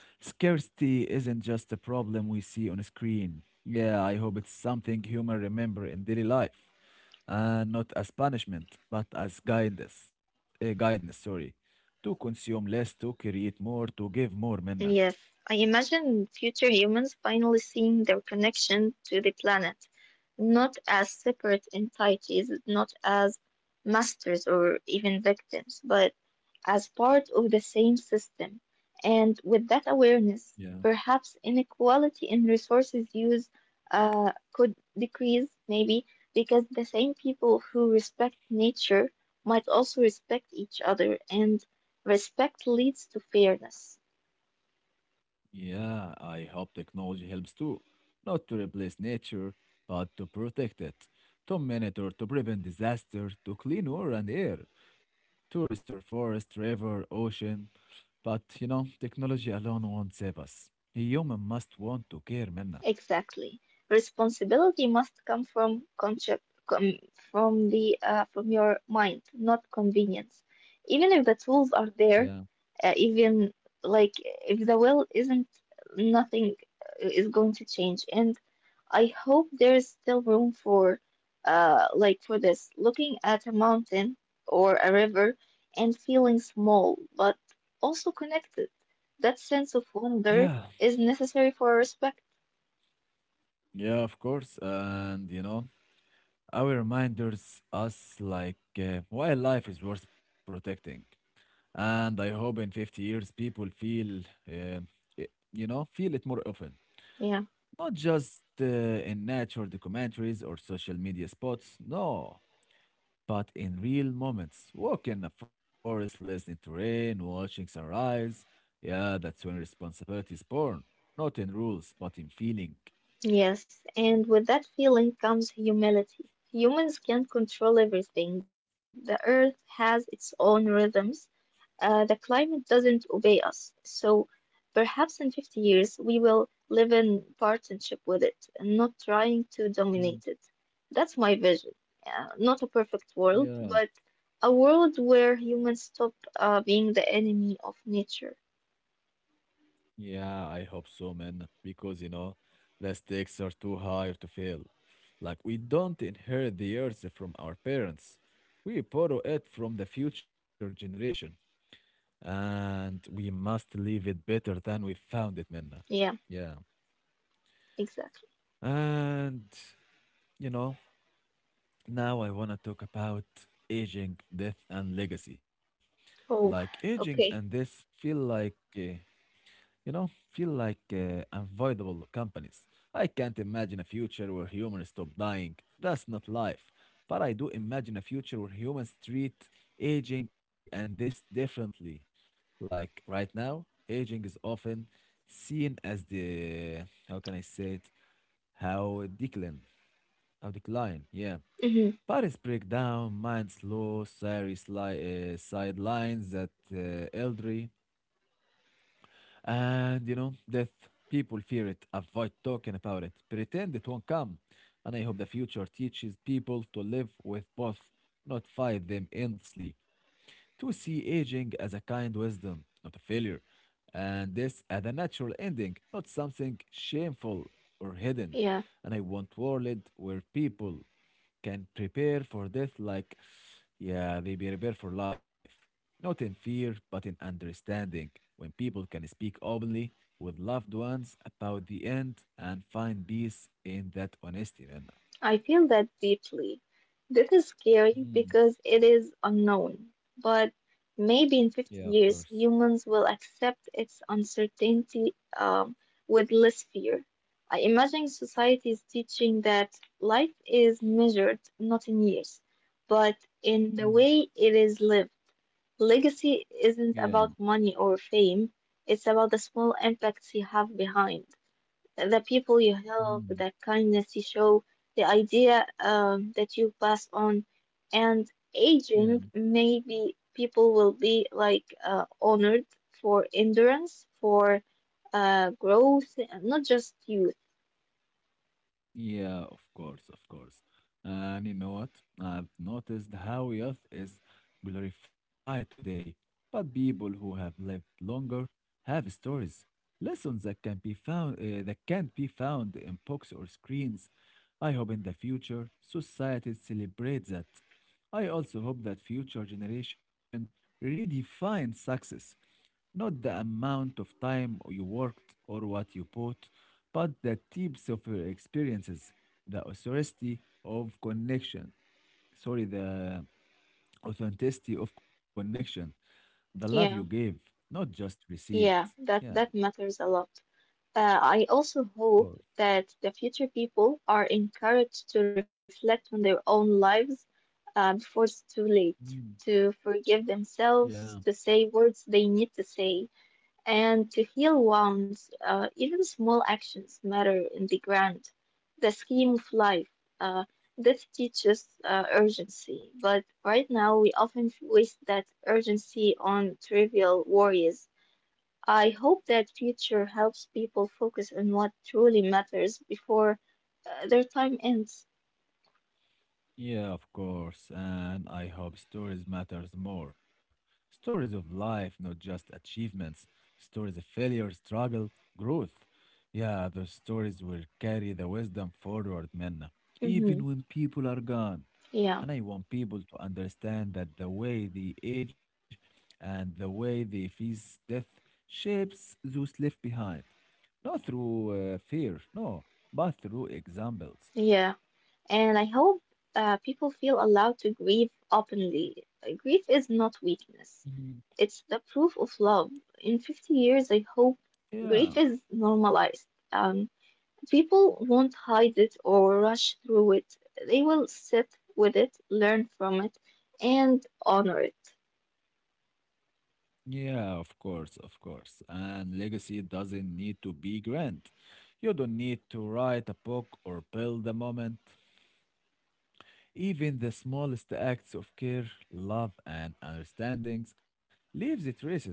Speaker 1: scarcity isn't just a problem we see on a screen. Yeah, I hope it's something humans remember in daily life, and not as punishment, but as guidance. Guidance, sorry, to consume less, to create more, to give more, Melna.
Speaker 2: Yes, I imagine future humans finally seeing their connection to the planet, not as separate entities, not as masters or even victims, but as part of the same system. And with that awareness,
Speaker 1: Yeah.
Speaker 2: perhaps inequality in resources use could decrease, maybe, because the same people who respect nature might also respect each other, and respect leads to fairness.
Speaker 1: Yeah, I hope technology helps too, not to replace nature, but to protect it, to monitor, to prevent disaster, to clean water and air, to restore forest, river, ocean. But you know, technology alone won't save us. Human must want to care, Minna.
Speaker 2: Exactly. Responsibility must come from from the from your mind, not convenience. Even if the tools are
Speaker 1: Yeah.
Speaker 2: there, even like if the will isn't, nothing is going to change. And I hope there is still room for, like for this, looking at a mountain or a river and feeling small, but also connected. That sense of
Speaker 1: Yeah.
Speaker 2: wonder is necessary for respect.
Speaker 1: Yeah, of course. And you know, our reminders us like why life is worth protecting. And I hope in 50 years people feel, um, i- you know, feel it more often.
Speaker 2: Yeah.
Speaker 1: Not just in nature documentaries or social media spots, no, but in real moments. Walking in a forest, listening to rain, watching sunrise. Yeah, that's when responsibility is born. Not in rules, but in feeling.
Speaker 2: Yes, and with that feeling comes humility. Humans can't control everything. The earth has its own rhythms. The climate doesn't obey us. So perhaps in 50 years we will live in partnership with it, and not trying to dominate
Speaker 1: Mm,
Speaker 2: it. That's my vision. Not a perfect world,
Speaker 1: yeah.
Speaker 2: but a world where humans stop being the enemy of nature.
Speaker 1: Yeah, I hope so, man. Because, you know, the stakes are too high to fail. Like, we don't inherit the earth from our parents, we borrow it from the future generation. And we must leave it better than we found it, man.
Speaker 2: Yeah,
Speaker 1: Yeah.
Speaker 2: exactly.
Speaker 1: And, you know, now I want to talk about aging, death, and legacy. Like,
Speaker 2: Oh,
Speaker 1: aging and
Speaker 2: okay.
Speaker 1: death feel like. You know, feel like unavoidable companies. I can't imagine a future where humans stop dying. That's not life. But I do imagine a future where humans treat aging and this differently. Like right now, aging is often seen as the, how can I say it, how decline, how decline, yeah.
Speaker 2: Hmm.
Speaker 1: Bodies break down, minds slow, sorry, sidelines that elderly. And you know, death. People fear it, avoid talking about it, pretend it won't come. And I hope the future teaches people to live with both, not fight them endlessly. To see aging as a kind wisdom, not a failure. And this as a natural ending, not something shameful or hidden.
Speaker 2: Yeah.
Speaker 1: And I want world where people can prepare for death like, yeah, they prepare for life. Not in fear, but in understanding. When people can speak openly with loved ones about the end and find peace in that honesty, man.
Speaker 2: I feel that deeply. This is scary
Speaker 1: Mhm.
Speaker 2: because it is unknown, but maybe
Speaker 1: Yeah,
Speaker 2: in
Speaker 1: of
Speaker 2: 50
Speaker 1: course.
Speaker 2: years humans will accept its uncertainty with less fear. I imagine societies teaching that life is measured not in years, but in the
Speaker 1: Mm.
Speaker 2: way it is lived. Legacy
Speaker 1: Yeah.
Speaker 2: isn't about money or fame, it's about the small impacts you have behind the people you help,
Speaker 1: Mm.
Speaker 2: the kindness you show, the idea that you pass on. And
Speaker 1: Yeah.
Speaker 2: aging, maybe people will be like honored for endurance, for growth, not just youth.
Speaker 1: Yeah, of course, of course. And you know what? I've noticed how youth is glorified today, but people who have lived longer have stories, lessons that can be found that can't be found in books or screens. I hope in the future societies celebrate that. I also hope that future generation redefine success, not the amount of time you worked or what you bought but the types of your experiences the authority of connection. Sorry, the authenticity of connection, the love you gave,
Speaker 2: Yeah,
Speaker 1: not just received.
Speaker 2: yeah,
Speaker 1: Yeah, of
Speaker 2: that that matters a lot. I also
Speaker 1: course.
Speaker 2: hope that the future people are encouraged to reflect on their own lives before it's too late
Speaker 1: Mm,
Speaker 2: to forgive
Speaker 1: yeah.
Speaker 2: themselves, to say words they need to say, and to heal wounds. Even small actions matter in the scheme of life. Uh, this teaches urgency, but right now we often waste that urgency on trivial worries. I hope that future helps people focus on what truly matters before their time ends.
Speaker 1: Yeah, of course, and I hope stories matters more. Stories of life, not just achievements. Stories of failure, struggle, growth. Yeah, those stories will carry the wisdom forward, Minna,
Speaker 2: Hmm.
Speaker 1: even when people are gone.
Speaker 2: Yeah,
Speaker 1: And I want people to understand that the way they age and the way they face death shapes those left behind. Not through fear, no, but through examples.
Speaker 2: yeah. And I hope people feel allowed to grieve openly. Grief is not
Speaker 1: Mhm.
Speaker 2: weakness, it's the proof of love. In 50 years, I hope
Speaker 1: Yeah.
Speaker 2: grief is normalized. People won't hide it or rush through it, they will sit with it, learn from it, and honor it.
Speaker 1: Yeah, of course, of course. And legacy doesn't need to be grand. You don't need to write a book or build a moment. Even the smallest acts of care, love, and understandings leaves traces.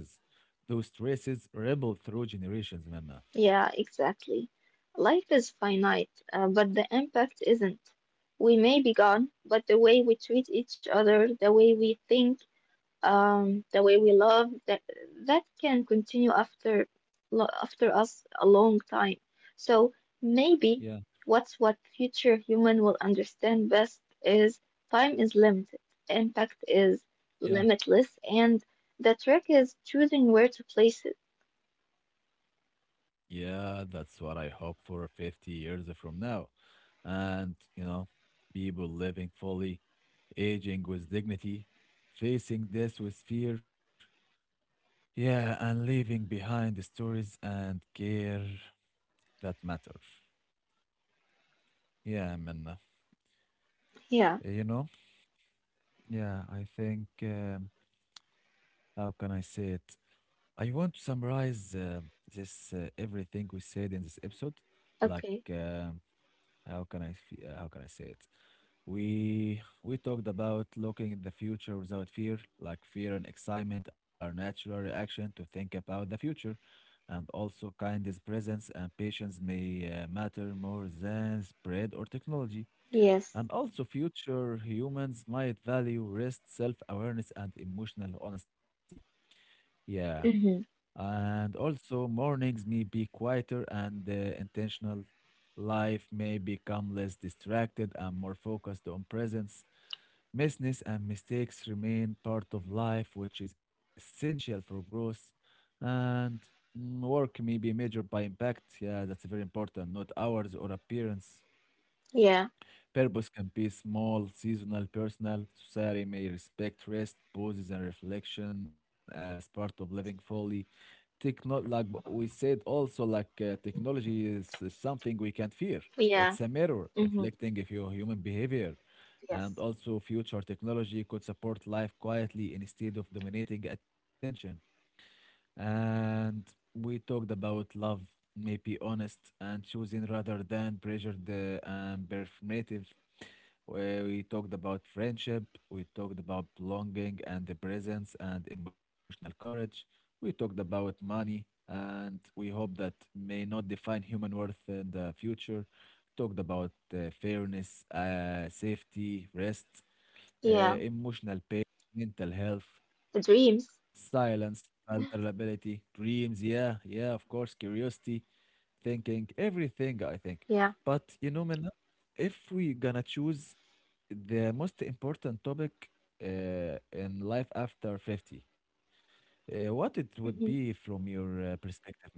Speaker 1: Those traces ripple through generations, Manna.
Speaker 2: Yeah, exactly. Life is finite, but the impact isn't. We may be gone, but the way we treat each other, the way we think, the way we love that can continue after after us a long time. So maybe
Speaker 1: Yeah,
Speaker 2: what future human will understand best is time is limited, impact is
Speaker 1: yeah.
Speaker 2: limitless, and the trick is choosing where to place it.
Speaker 1: Yeah, that's what I hope for 50 years from now. And, you know, people living fully, aging with dignity, facing death with fear. Yeah, and leaving behind the stories and care that matter. Yeah, Minna.
Speaker 2: Yeah.
Speaker 1: Eh, you know? Yeah, I think, how can I say it? I want to summarize this everything we said in this episode. Like,
Speaker 2: Okay.
Speaker 1: um, how can I say it? We talked about looking at the future without fear. Like fear and excitement are natural reaction to think about the future. And also, kindness, presence, and patience may matter more than spread or technology.
Speaker 2: Yes.
Speaker 1: And also, future humans might value rest, self awareness, and emotional honesty. Yeah.
Speaker 2: Mhm.
Speaker 1: And also, mornings may be quieter and intentional. Life may become less distracted and more focused on presence. Misses and mistakes remain part of life, which is essential for growth. And work may be measured by impact. Yeah, that's very important, not hours or appearance.
Speaker 2: Yeah.
Speaker 1: Purpose can be small, seasonal, personal. Society may respect rest, pauses, and reflection as part of living fully. We said also like technology is something we can't fear.
Speaker 2: Yeah.
Speaker 1: It's a mirror
Speaker 2: Mhm.
Speaker 1: reflecting if your human behavior, and
Speaker 2: Yes.
Speaker 1: also future technology could support life quietly instead of dominating attention. And we talked about love, maybe honest and choosing rather than pressured and performative, where we talked about friendship, we talked about belonging and the presence and emotional courage, we talked about money, and we hope that may not define human worth in the future. Talked about fairness, safety, rest,
Speaker 2: Yeah.
Speaker 1: emotional pain, mental health,
Speaker 2: The dreams.
Speaker 1: silence, vulnerability, dreams, yeah, yeah, of course, curiosity, thinking, everything, I think.
Speaker 2: Yeah.
Speaker 1: But you know, Minna, if we gonna choose the most important topic in life after 50, what it would be
Speaker 2: Mhm.
Speaker 1: from your perspective, Minna?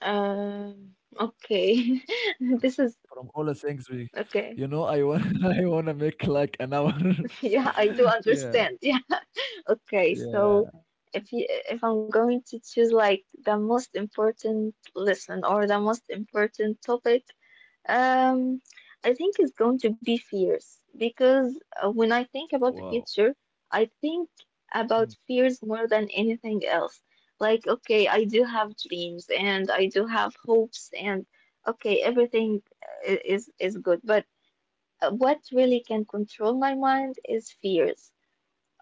Speaker 2: Okay.
Speaker 1: Fr-
Speaker 2: this is
Speaker 1: From all the things we,
Speaker 2: Okay.
Speaker 1: you know, I want I wanna make like an hour.
Speaker 2: Yeah, I do
Speaker 1: Yeah,
Speaker 2: understand. Yeah. Okay,
Speaker 1: yeah.
Speaker 2: so if I'm going to choose like the most important lesson or the most important topic, um, I think it's going to be fears because when I think about the
Speaker 1: Wow.
Speaker 2: future, I think
Speaker 1: Mm,
Speaker 2: about fears more than anything else. Like, okay, I do have dreams and I do have hopes and okay, everything is good, but what really can control my mind is fears.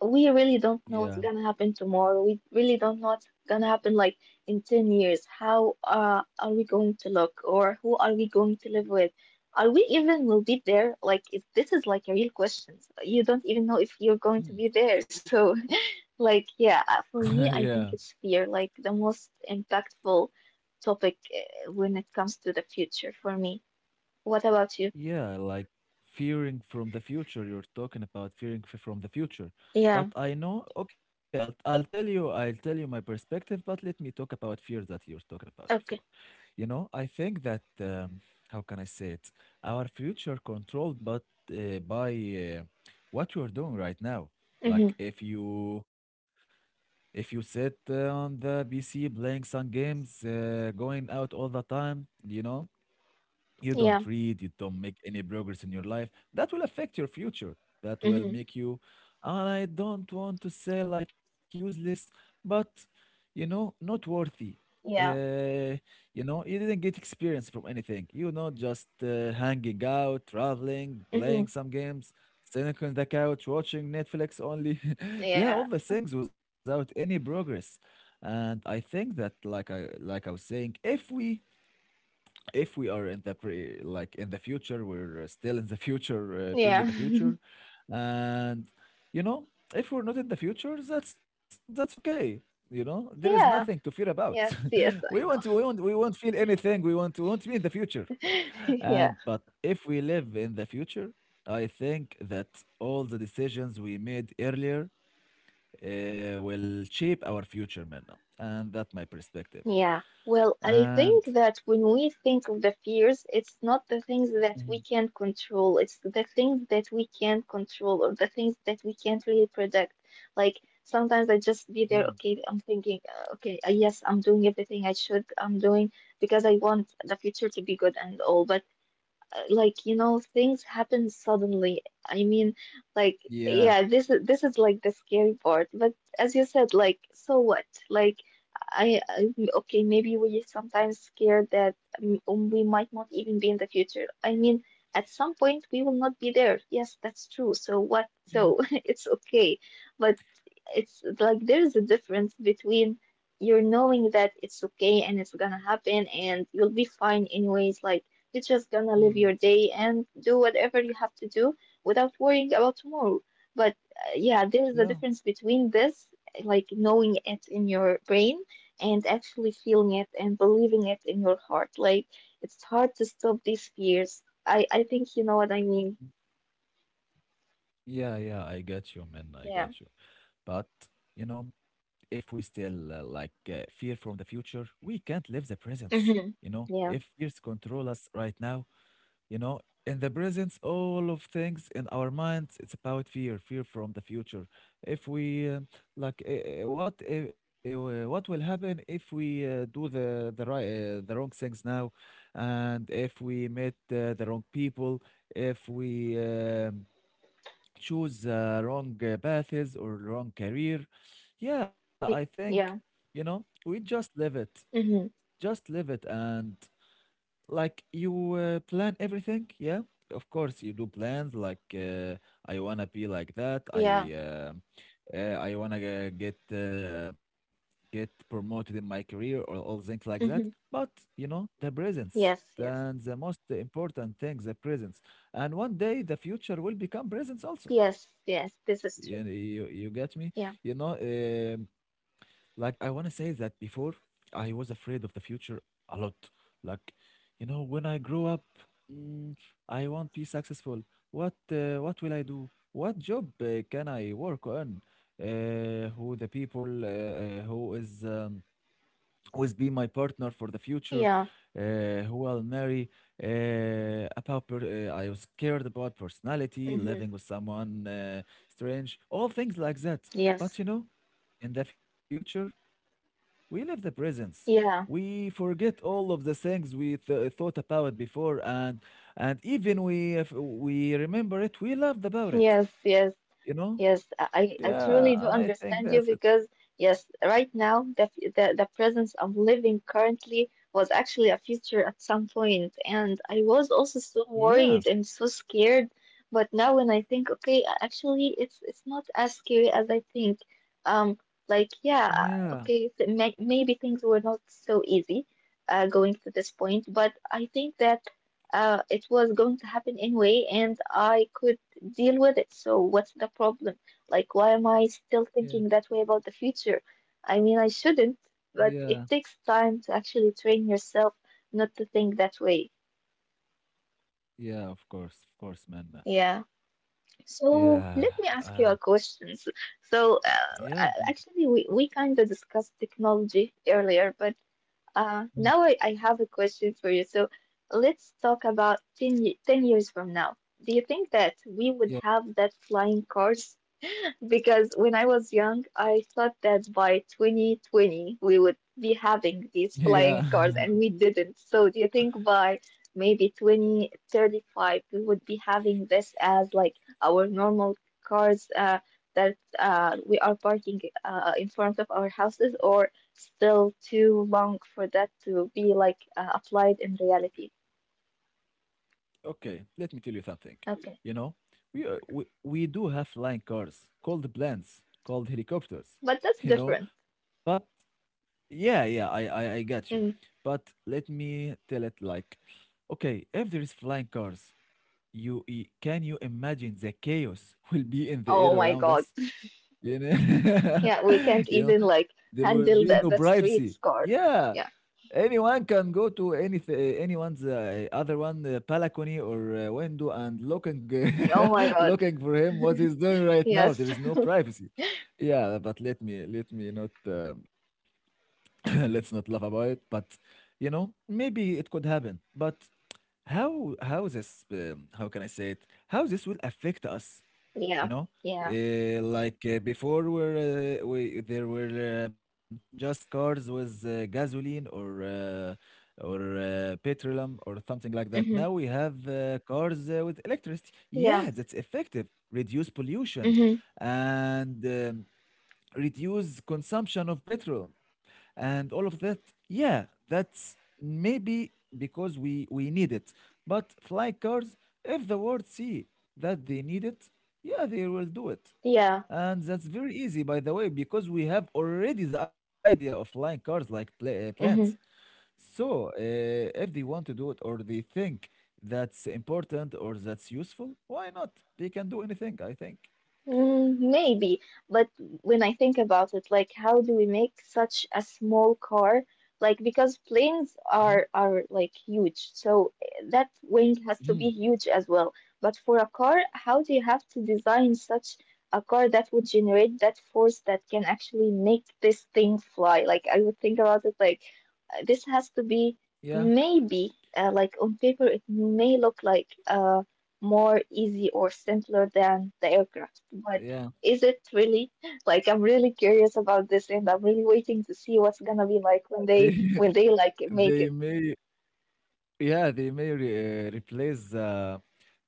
Speaker 2: We really don't know what's
Speaker 1: yeah.
Speaker 2: gonna happen tomorrow. We really don't know what's gonna happen like in 10 years. How are we going to look or who are we going to live with? Are we even will be there? Like if this is like a real question. You don't even know if you're going to
Speaker 1: Mm.
Speaker 2: be there. So like yeah, for me
Speaker 1: yeah.
Speaker 2: I think it's fear like the most impactful topic when it comes to the future for me. What about you?
Speaker 1: Yeah, like fearing from the future. You're talking about from the future. But
Speaker 2: Yeah.
Speaker 1: I know, okay, I'll tell you, I'll tell you my perspective, but let me talk about fear that you're talking about before.
Speaker 2: Okay.
Speaker 1: You know, I think that, how can I say it? Our future controlled, but by what you're doing right now.
Speaker 2: Mm-hmm.
Speaker 1: Like if you sit on the PC playing some games, going out all the time, you know,
Speaker 2: Yeah.
Speaker 1: you don't read, you don't make any progress in your life, that will affect your future. That
Speaker 2: Hmm.
Speaker 1: will make you, and I don't want to say like useless, but you know, not worthy.
Speaker 2: Yeah.
Speaker 1: Uh, you know, you didn't get experience from anything. You know, just hanging out, traveling,
Speaker 2: Hmm.
Speaker 1: playing some games, sitting on the couch, watching Netflix only. Yeah, all
Speaker 2: Yeah.
Speaker 1: the things without any progress. And I think that, like I was saying, if we are in the pre like in the future being
Speaker 2: Yeah.
Speaker 1: in the future and you know if we're not in the future, that's okay. You know, there is nothing to
Speaker 2: Yeah.
Speaker 1: fear about.
Speaker 2: Yes,
Speaker 1: we
Speaker 2: yes,
Speaker 1: won't
Speaker 2: I
Speaker 1: we
Speaker 2: know.
Speaker 1: won't we won't feel anything, we won't be in the future.
Speaker 2: Yeah.
Speaker 1: And but if we live in the future, I think that all the decisions we made earlier will shape our future, man. And that's my perspective
Speaker 2: Yeah. Well, I
Speaker 1: and
Speaker 2: think that when we think of the fears, it's not the things that we
Speaker 1: mhm,
Speaker 2: can control. It's the things that we can't control or the things that we can't really predict. Like sometimes I just
Speaker 1: mhm.
Speaker 2: be there, okay, I'm thinking, okay, yes, I'm doing everything I should, I'm doing because I want the future to be good and all. But like you know things happen suddenly I mean, like,
Speaker 1: Yeah,
Speaker 2: yeah, this is like the scary part. But as you said, like, so what? Like, I okay, maybe we sometimes scared that we might not even be in the future. I mean at some point we will not be there, yes, that's true. So what?
Speaker 1: yeah.
Speaker 2: So it's okay. But it's like there's a difference between you're knowing that it's okay and it's gonna happen and you'll be fine anyways, like you're just gonna live
Speaker 1: Mm.
Speaker 2: your day and do whatever you have to do without worrying about tomorrow. But yeah, there is a
Speaker 1: Yeah.
Speaker 2: difference between this, like knowing it in your brain, and actually feeling it and believing it in your heart. Like it's hard to stop these fears. I think you know what I mean.
Speaker 1: Yeah. Yeah. I get you, man. I
Speaker 2: Yeah.
Speaker 1: get you. But, you know, if we still fear from the future, we can't live the presence. You
Speaker 2: Mhm.
Speaker 1: know,
Speaker 2: Yeah.
Speaker 1: if fears control us right now, you know, in the presence, all of things in our minds, it's about fear, fear from the future. If we like, what will happen if we do the wrong things now, and if we meet the wrong people, if we choose wrong paths or wrong career, yeah, I
Speaker 2: Y-
Speaker 1: think
Speaker 2: Yeah.
Speaker 1: you know we
Speaker 2: Mhm.
Speaker 1: just live it, and like you plan everything, yeah? Of course you do plans like I wanna be like that.
Speaker 2: Yeah.
Speaker 1: I wanna g- get uh, get promoted in my career or all things like that.
Speaker 2: Mhm.
Speaker 1: But you know, the presence,
Speaker 2: Yes. Yes.
Speaker 1: then the most important thing, the presence. And one day the future will become presence also.
Speaker 2: Yes. Yes. This is
Speaker 1: You,
Speaker 2: true.
Speaker 1: you you get me?
Speaker 2: Yeah.
Speaker 1: You know, like I want to say that before I was afraid of the future a lot. Like, you know, when I grow up, mm, I won't be successful. What will I do? What job can I work on? Who the people? Who is? Always be my partner for the future,
Speaker 2: Yeah.
Speaker 1: uh, who I'll marry. I was scared about personality,
Speaker 2: Mhm.
Speaker 1: living with someone strange, all things like that.
Speaker 2: Yes.
Speaker 1: But you know, in the future, we live the presence.
Speaker 2: Yeah.
Speaker 1: We forget all of the things we thought about before, and even we if we remember it, we loved about it.
Speaker 2: Yes, yes.
Speaker 1: You know,
Speaker 2: Yes, I
Speaker 1: yeah.
Speaker 2: truly do
Speaker 1: And I think
Speaker 2: understand you
Speaker 1: that's it.
Speaker 2: because, yes, right now, the presence I'm living currently was actually a future at some point, and I was also so
Speaker 1: Yeah,
Speaker 2: worried and so scared. But now, when I think, okay, actually, it's not as scary as I think. Um, like, yeah,
Speaker 1: yeah,
Speaker 2: okay, th may maybe things were not so easy, going to this point, but I think that, it was going to happen anyway, and I could deal with it. So what's the problem? Like, why am I still
Speaker 1: yeah,
Speaker 2: thinking that way about the future? I mean, I shouldn't,
Speaker 1: yeah.
Speaker 2: but it takes time to actually train yourself not to think that way.
Speaker 1: Yeah, of course, man.
Speaker 2: Yeah. So
Speaker 1: Yeah,
Speaker 2: let me ask you
Speaker 1: uh,
Speaker 2: a question. So so,
Speaker 1: yeah, b-
Speaker 2: actually, we kind of discussed technology earlier, but
Speaker 1: mm,
Speaker 2: now I have a question for you. So let's talk about 10, 10 years from now. Do you think that we would
Speaker 1: yeah,
Speaker 2: have that flying cars? Because when I was young, I thought that by 2020 we would be having these flying
Speaker 1: yeah.
Speaker 2: cars, and we didn't. So do you think by maybe 2035 we would be having this as like our normal cars that we are parking in front of our houses, or still too long for that to be like applied in reality?
Speaker 1: Okay, let me tell you something.
Speaker 2: Okay,
Speaker 1: You know, we do have flying cars called planes, called helicopters.
Speaker 2: but that's
Speaker 1: You
Speaker 2: different.
Speaker 1: know, but yeah, yeah, I got you.
Speaker 2: Mm.
Speaker 1: But let me tell it like, okay, if there is flying cars, you can you imagine the chaos will be in the air
Speaker 2: Oh my
Speaker 1: around
Speaker 2: God.
Speaker 1: us? You know,
Speaker 2: Yeah, we can't
Speaker 1: you know,
Speaker 2: even like
Speaker 1: there will be no
Speaker 2: handle the
Speaker 1: privacy.
Speaker 2: street scar.
Speaker 1: Yeah,
Speaker 2: Yeah.
Speaker 1: anyone can go to anyone's other one balcony or window and looking
Speaker 2: Oh my God.
Speaker 1: looking for him what he's doing right now. There
Speaker 2: Yes.
Speaker 1: is no privacy. Yeah, but let me not let's not laugh about it. But you know, maybe it could happen. But how this how can I say it? How this will affect us? You
Speaker 2: Yeah.
Speaker 1: know,
Speaker 2: Yeah.
Speaker 1: before were we there were just cars with gasoline or petroleum or something like that.
Speaker 2: Hmm.
Speaker 1: Now we have cars with electricity,
Speaker 2: Yeah.
Speaker 1: yeah. That's effective, reduce pollution
Speaker 2: Hmm.
Speaker 1: and reduce consumption of petrol and all of that, yeah. That's maybe because we need it. But fly cars, if the world see that they need it, yeah, they will do it.
Speaker 2: Yeah.
Speaker 1: And that's very easy, by the way, because we have already the idea of flying cars, like planes.
Speaker 2: Hmm.
Speaker 1: So if they want to do it, or they think that's important or that's useful, why not? They can do anything, I think.
Speaker 2: Mm, maybe, but when I think about it, like how do we make such a small car? Like because planes
Speaker 1: Mhm.
Speaker 2: are like huge, so eh, that wing has to
Speaker 1: Mhm.
Speaker 2: be huge as well. But for a car, how do you have to design such a car that would generate that force that can actually make this thing fly? Like I would think about it like this has to be
Speaker 1: Yeah,
Speaker 2: maybe like on paper it may look like more easy or simpler than the aircraft. But
Speaker 1: yeah,
Speaker 2: is it really? Like I'm really curious about this and I'm really waiting to see what's gonna be like
Speaker 1: they
Speaker 2: when they like
Speaker 1: they
Speaker 2: make it.
Speaker 1: may, yeah, they may replace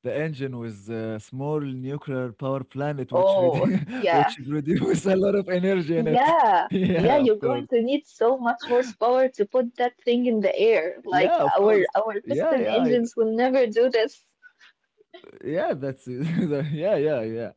Speaker 1: the engine with a small nuclear power plant, which redu
Speaker 2: Oh,
Speaker 1: which
Speaker 2: yeah.
Speaker 1: produce a lot of energy in it.
Speaker 2: Yeah.
Speaker 1: Yeah, of
Speaker 2: Yeah,
Speaker 1: course.
Speaker 2: you're going to need so much horsepower to put that thing in the air.
Speaker 1: Yeah,
Speaker 2: Like
Speaker 1: of course.
Speaker 2: our
Speaker 1: Yeah,
Speaker 2: piston
Speaker 1: yeah.
Speaker 2: engines will never do this.
Speaker 1: Yeah, that's yeah, yeah, yeah.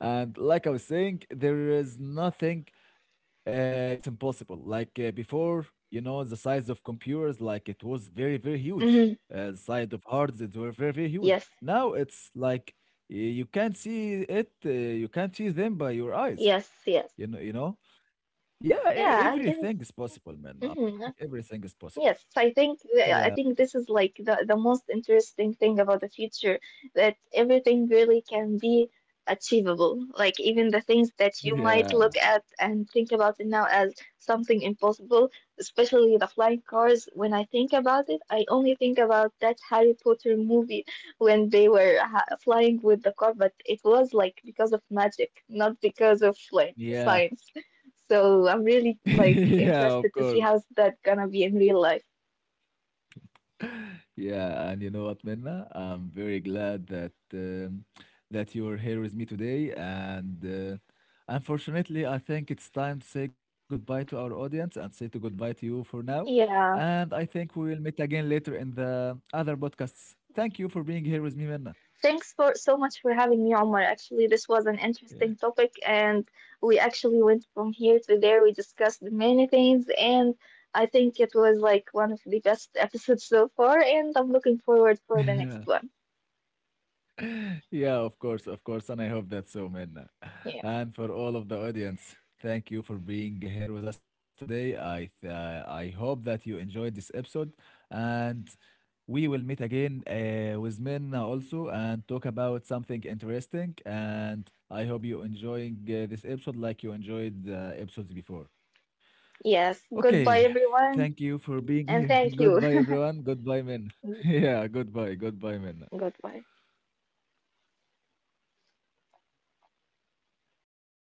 Speaker 1: And like I was saying, there is nothing. It's impossible. Like before, you know, the size of computers, like it was very, very huge.
Speaker 2: Hmm.
Speaker 1: The size of hearts, it were very, very huge.
Speaker 2: Yes.
Speaker 1: Now it's like you can't see it. You can't see them by your eyes.
Speaker 2: Yes, yes.
Speaker 1: You know, you know. Yeah,
Speaker 2: Yeah, I
Speaker 1: everything is
Speaker 2: guess.
Speaker 1: possible, man. I think
Speaker 2: Mhm.
Speaker 1: everything is possible.
Speaker 2: Yes, I think
Speaker 1: Yeah,
Speaker 2: I think this is like the most interesting thing about the future, that everything really can be achievable. Like even the things that you might look
Speaker 1: yeah,
Speaker 2: at and think about it now as something impossible, especially the flying cars. When I think about it, I only think about that Harry Potter movie when they were ha flying with the car, but it was like because of magic, not because of like
Speaker 1: yeah,
Speaker 2: science. So I'm really like
Speaker 1: yeah. Of course.
Speaker 2: interested to see how's that gonna be in real life.
Speaker 1: Yeah, and you know what, Minna? I'm very glad that that you're here with me today. And unfortunately, I think it's time to say goodbye to our audience and say to goodbye to you for now.
Speaker 2: Yeah.
Speaker 1: And I think we will meet again later in the other podcasts. Thank you for being here with me, Minna.
Speaker 2: Thanks for so much for having me, Omar. Actually, this was an interesting topic, and we actually went from here to there. We discussed many things, and I think it was like one of the best episodes so far, and I'm looking forward for the
Speaker 1: Yeah.
Speaker 2: next one.
Speaker 1: Yeah, of course, and I hope that's so, Minna.
Speaker 2: Yeah.
Speaker 1: And for all of the audience, thank you for being here with us today. I hope that you enjoyed this episode, and we will meet again with Minna also and talk about something interesting. And I hope you enjoying this episode like you enjoyed the episodes before.
Speaker 2: Yes.
Speaker 1: Okay,
Speaker 2: Goodbye,
Speaker 1: thank you
Speaker 2: everyone,
Speaker 1: for being here.
Speaker 2: and thank
Speaker 1: Goodbye,
Speaker 2: you.
Speaker 1: everyone. Goodbye, Minna. Yeah, goodbye, goodbye, Minna.